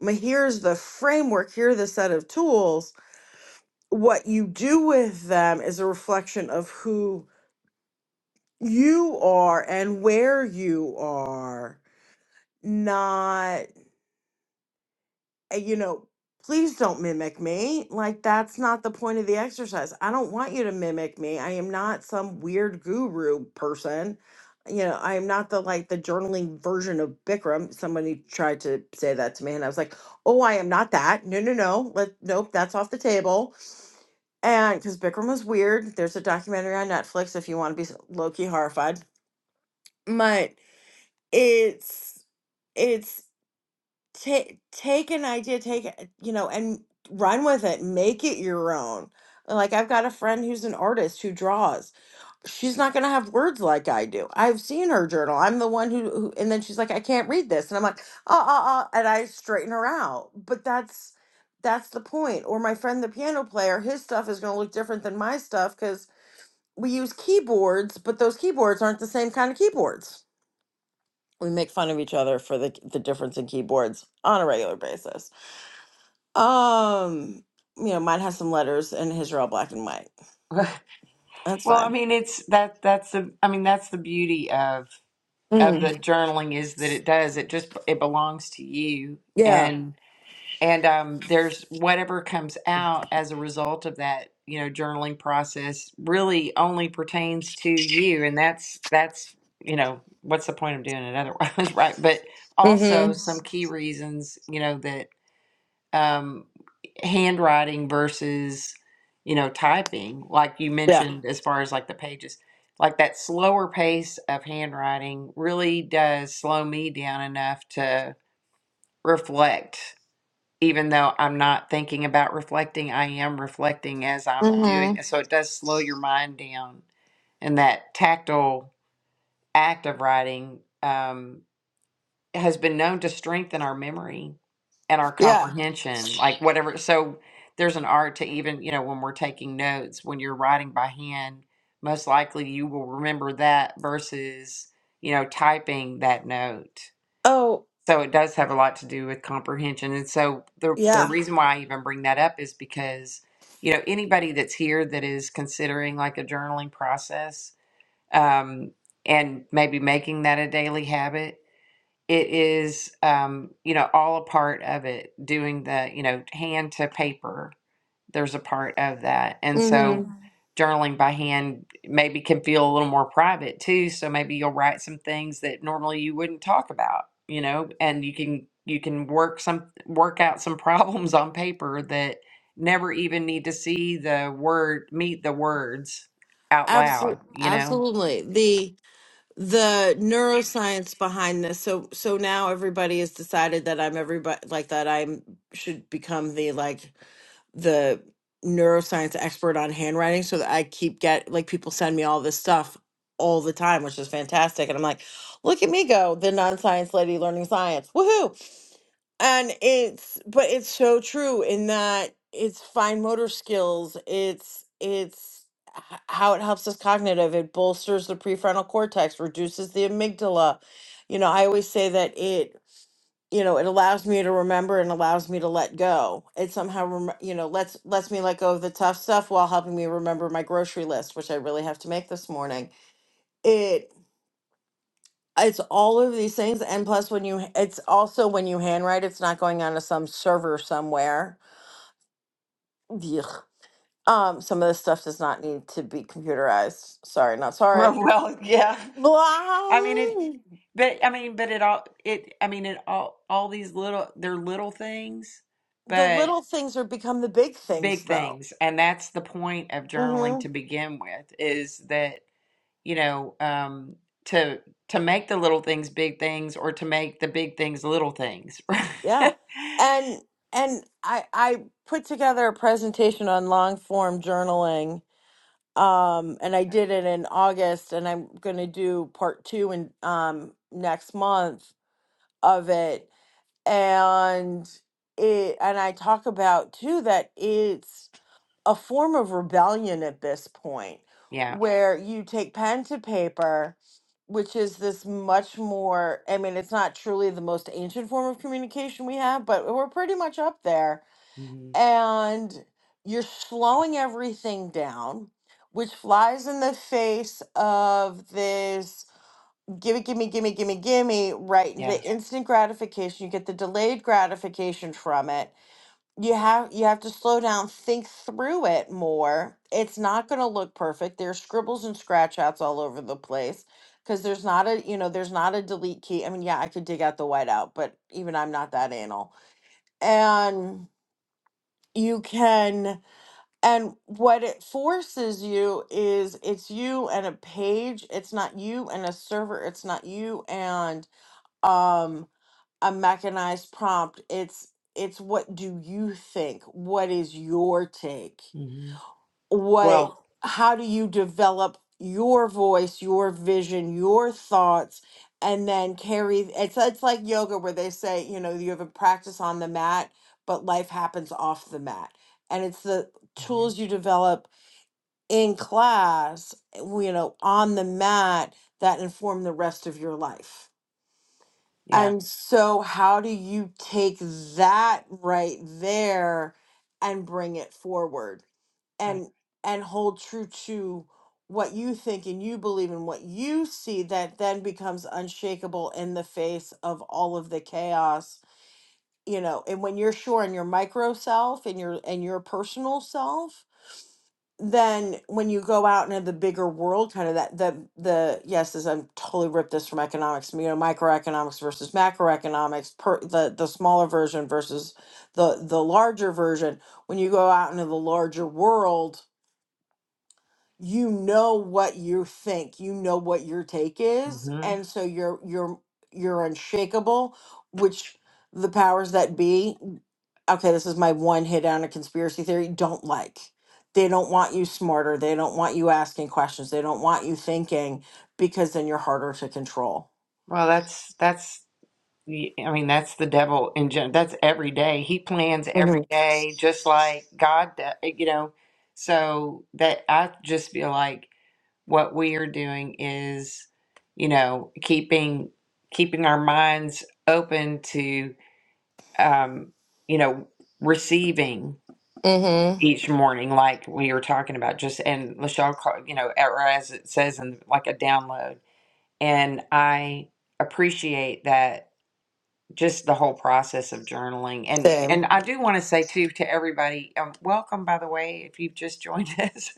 S5: Ma- Here's the framework. Here are the set of tools what you do with them is a reflection of who you are and where you are not uh, you know please don't mimic me like that's not the point of the exercise i don't want you to mimic me i am not some weird guru person you know i am not the like the journaling version of bikram somebody tried to say that to me and i was like oh i am not that no no no let nope that's off the table And because Bikram was weird, there's a documentary on Netflix if you want to be low key horrified. But it's it's take take an idea, take it, you know, and run with it, make it your own. Like I've got a friend who's an artist who draws. She's not gonna have words like I do. I've seen her journal. I'm the one who, who and then she's like, I can't read this, and I'm like, uh, uh, uh, and I straighten her out. But that's that's the point. Or my friend, the piano player, his stuff is gonna look different than my stuff because we use keyboards, but those keyboards aren't the same kind of keyboards. We make fun of each other for the the difference in keyboards on a regular basis. Um, you know, mine has some letters and his are all black and white.
S1: well
S5: That's
S1: i
S5: fine.
S1: mean it's that that's the i mean that's the beauty of of the
S5: Mm,
S1: journaling is that it does it just it belongs to you
S5: yeah.
S1: and and um, there's whatever comes out as a result of that you know journaling process really only pertains to you and that's that's you know what's the point of doing it otherwise right but also
S5: Mm-hmm.
S1: some key reasons you know that um, handwriting versus you know typing like you
S5: Yeah.
S1: mentioned as far as like the pages like that slower pace of handwriting really does slow me down enough to reflect even though I'm not thinking about reflecting, I am reflecting as I'm
S5: Mm-hmm.
S1: doing So it does slow your mind down. And that tactile act of writing um, has been known to strengthen our memory and our
S5: Yeah.
S1: comprehension, like whatever. So there's an art to even, you know, when we're taking notes, when you're writing by hand, most likely you will remember that versus, you know, typing that note.
S5: Oh,
S1: So it does have a lot to do with comprehension. And so the the
S5: yeah.
S1: reason why I even bring that up is because, you know, anybody that's here that is considering like a journaling process, um, and maybe making that a daily habit, it is um, you know, all a part of it, doing the, you know, hand to paper there's a part of that. And so
S5: Mm-hmm.
S1: mm-hmm. journaling by hand maybe can feel a little more private too. So maybe you'll write some things that normally you wouldn't talk about, you know, and you can you can work some work out some problems on paper that never even need to see the word meet the words out
S5: Absolutely.
S1: loud, you know.
S5: Absolutely. the neuroscience behind this. So so now everybody has decided that I'm everybody like that I'm should become the like the neuroscience expert on handwriting so that I keep get like people send me all this stuff all the time, which is fantastic. And I'm like, look at me go, the non-science lady learning science. Woohoo! And it's but it's so true in that it's fine motor skills. It's it's h- how it helps us cognitive. It bolsters the prefrontal cortex, reduces the amygdala. You know, I always say that it, you know, it allows me to remember and allows me to let go. It somehow, rem- you know, lets lets me let go of the tough stuff while helping me remember my grocery list, which I really have to make this morning it's all of these things and plus when you it's also when you handwrite it's not going onto some server somewhere Yuck. um some of this stuff does not need to be computerized sorry not sorry
S1: Well, yeah. I mean it
S5: um,
S1: but I mean but it all it I mean it all all these little they're little things,
S5: the
S1: but
S5: little things are become the big things
S1: big
S5: though
S1: things and that's the point of journaling
S5: hmm
S1: to begin with is that you know um to to make the little things big things or to make the big things little things
S5: yeah and and i i put together a presentation on long form journaling um and i
S1: okay
S5: did it in august and i'm going to do part two and um next month of it and it and i talk about too that it's a form of rebellion at this point
S1: yeah
S5: where you take pen to paper which is this much more i mean it's not truly the most ancient form of communication we have but we're pretty much up there
S1: hmm
S5: and you're slowing everything down which flies in the face of this gimme, gimme, gimme, gimme, gimme, right? The
S1: yeah
S5: instant gratification, you get the delayed gratification from it. You have you have to slow down, think through it more. It's not going to look perfect. There's scribbles and scratch outs all over the place because there's not a you know there's not a delete key. I mean, yeah, I could dig out the whiteout, but even I'm not that anal. And you can and what it forces you is it's you and a page. It's not you and a server. It's not you and um a mechanized prompt it's it's what do you think what is your take
S1: hmm
S5: what
S1: well
S5: how do you develop your voice your vision your thoughts and then carry it's it's like yoga where they say you know you have a practice on the mat but life happens off the mat and it's the
S1: mhm.
S5: tools you develop in class eh, you know on the mat that inform the rest of your life
S1: yeah
S5: and so, how do you take that right there and bring it forward
S1: right
S5: and and hold true to what you think and you believe and what you see that then becomes unshakable in the face of all of the chaos, you know. And when you're sure in your micro self and your and your personal self then when you go out into the bigger world kind of that the the yes is i'm totally ripped this from economics you know microeconomics versus macroeconomics per the the smaller version versus the the larger version when you go out into the larger world you know what you think you know what your take is
S1: hmm
S5: and so you're you're you're unshakable which the powers that be okay this is my one hit on a conspiracy theory don't like they don't want you smarter they don't want you asking questions they don't want you thinking because then you're harder to control
S1: well that's that's the- I mean that's the devil in gen- that's every day he plans every
S5: Mm-hmm.
S1: day just like God do- you know so that I just feel like what we are doing is you know keeping keeping our minds open to um you know receiving
S5: Mm-hmm.
S1: each morning like we were talking about just and Lachelle call you know or as it says in like a download and I appreciate that just the whole process of journaling and
S5: Same.
S1: and I do want to say too to everybody um, welcome by the way if you've just joined us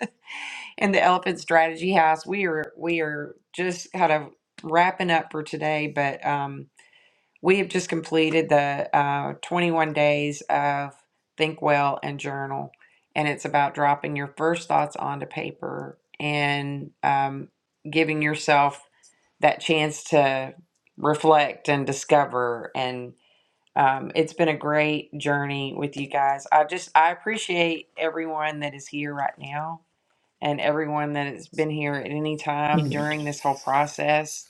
S1: in the Elephant Strategy House. We are we are just kind of wrapping up for today, but um, we have just completed the uh, 21 days of Think Well and Journal, and it's about dropping your first thoughts onto paper and um, giving yourself that chance to reflect and discover and um, it's been a great journey with you guys. I just I appreciate everyone that is here right now and everyone that has been here at any time during this whole process.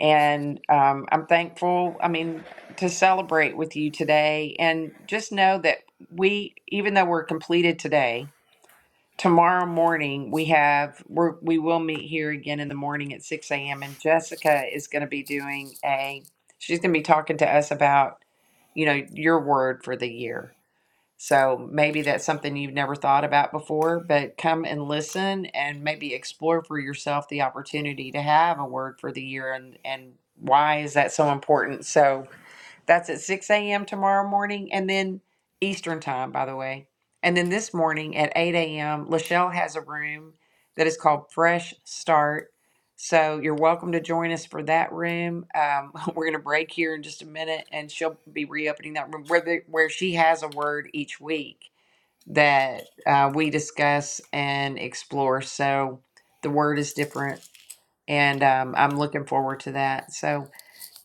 S1: And um, I'm thankful, I mean, to celebrate with you today. And just know that we, even though we're completed today, tomorrow morning we have, we're, we will meet here again in the morning at 6 a.m. And Jessica is going to be doing a, she's going to be talking to us about, you know, your word for the year so maybe that's something you've never thought about before, but come and listen and maybe explore for yourself the opportunity to have a word for the year and, and why is that so important? So that's at 6 a.m. tomorrow morning and then Eastern time, by the way. And then this morning at 8 a.m., Lachelle has a room that is called Fresh Start so you're welcome to join us for that room. Um, we're going to break here in just a minute, and she'll be reopening that room where the, where she has a word each week that uh, we discuss and explore. So the word is different, and um, I'm looking forward to that. So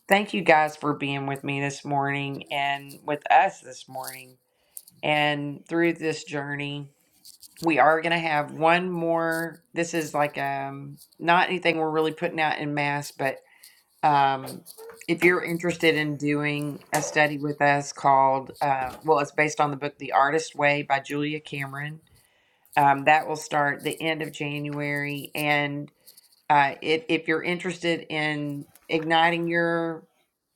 S1: thank you guys for being with me this morning and with us this morning and through this journey. We are going to have one more. This is like um, not anything we're really putting out in mass, but um, if you're interested in doing a study with us called, uh, well, it's based on the book The Artist Way by Julia Cameron. Um, that will start the end of January, and uh, if if you're interested in igniting your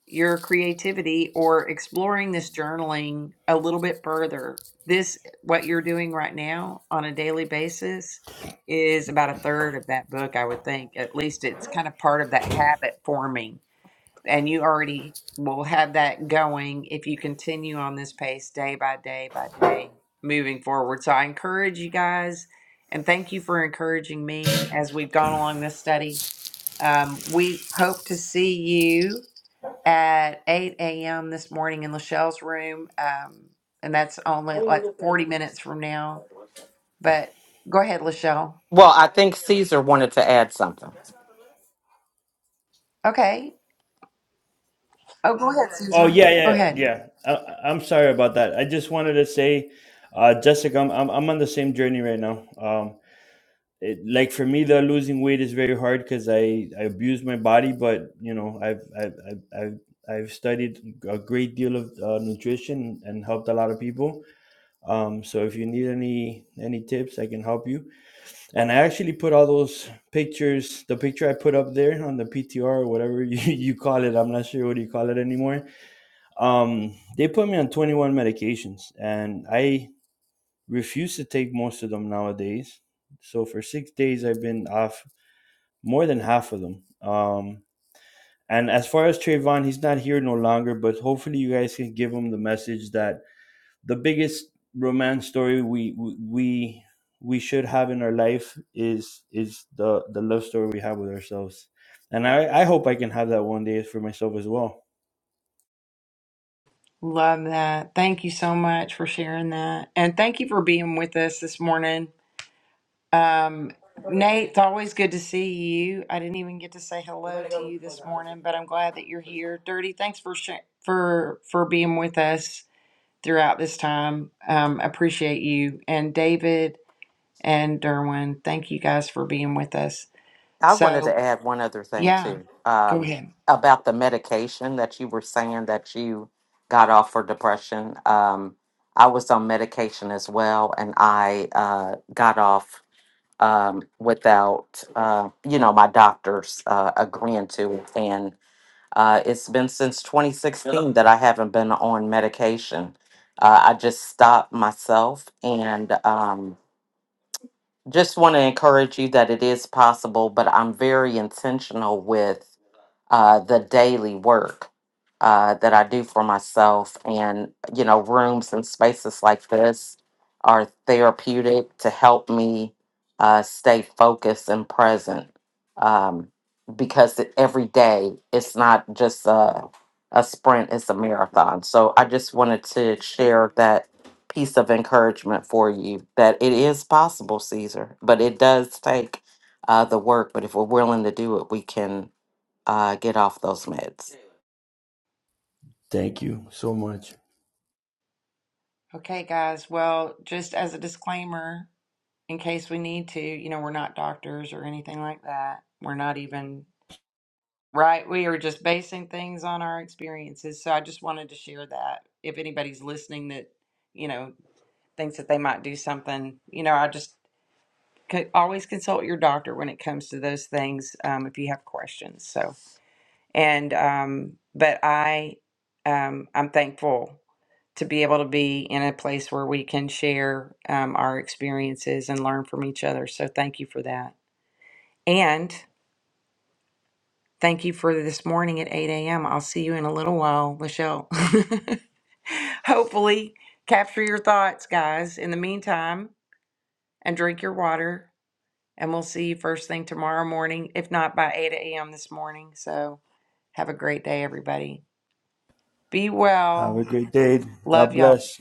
S1: your creativity or exploring this journaling a little bit further, this what you're doing right now on a daily basis is about a third of that book, I would think. At least it's kind of part of that habit forming and you already will have that going if you continue on this pace day by day by day moving forward. So I encourage you guys and thank you for encouraging me as we've gone along this study. Um, we hope to see you at 8 a.m. this morning in Lachelle's room. Um, and that's only like 40 minutes from now. But go ahead, Lachelle.
S2: Well, I think Caesar wanted to add something.
S1: Okay. Oh, go ahead,
S3: Oh
S1: Susan.
S3: yeah,
S1: Go
S3: yeah,
S1: ahead.
S3: yeah. I, I- I'm sorry about that. I just wanted to say, uh, Jessica, I'm, I'm I'm on the same journey right now. Um, it, like for me, the losing weight is very hard because I I abuse my body, but you know I've I've I've I've, I've studied a great deal of uh, nutrition and helped a lot of people, um, so if you need any any tips i can help you and i actually put all those pictures the picture i put up there on the ptr or whatever you, you call it i'm not sure what you call it anymore um, they put me on 21 medications and i refuse to take most of them nowadays so for six days i've been off more than half of them um, and as far as Trayvon, he's not here no longer, but hopefully you guys can give him the message that the biggest romance story we we we should have in our life is is the the love story we have with ourselves and i i hope i can have that one day for myself as well
S1: Love that. Thank you so much for sharing that. And thank you for being with us this morning. Um, Nate, it's always good to see you. I didn't even get to say hello to you this morning, but I'm glad that you're here. Dirty, thanks for sh- for for being with us throughout this time. Um, appreciate you. And David and Derwin, thank you guys for being with us.
S2: I wanted
S1: So,
S2: to add one other thing
S1: yeah,
S2: too
S1: go
S2: um,
S1: ahead.
S2: about the medication that you were saying that you got off for depression. Um, I was on medication as well, and I uh, got off um, without, uh, you know, my doctors uh, agreeing to it. Uh, it's been since 2016 Yeah. that I haven't been on medication. Uh, I just stopped myself and um, just want to encourage you that it is possible, but I'm very intentional with uh, the daily work uh, that I do for myself. And, you know, rooms and spaces like this are therapeutic to help me uh, stay focused and present um, because it- every day it's not just a, a sprint, it's a marathon. So I just wanted to share that piece of encouragement for you that it is possible, Caesar, but it does take uh, the work. But if we're willing to do it, we can uh, get off those meds.
S3: thank you so much
S1: Okay, guys. Well, just as a disclaimer, in case we need to. You know, we're not doctors or anything like that. We're not even right. We are just basing things on our experiences. So I just wanted to share that. If anybody's listening that, you know, thinks that they might do something, you know, I just could always consult your doctor when it comes to those things um, if you have questions. So, and, um, but I, um, I'm thankful to be able to be in a place where we can share um, our experiences and learn from each other. So thank you for that. And thank you for this morning at 8 a.m. I'll see you in a little while, Lachelle. Hopefully, capture your thoughts, guys, in the meantime, and drink your water. And we'll see you first thing tomorrow morning, if not by 8 a.m. this morning. So have a great day, everybody. Be
S3: have
S1: well.
S3: a great day god
S1: Love y'all.
S3: bless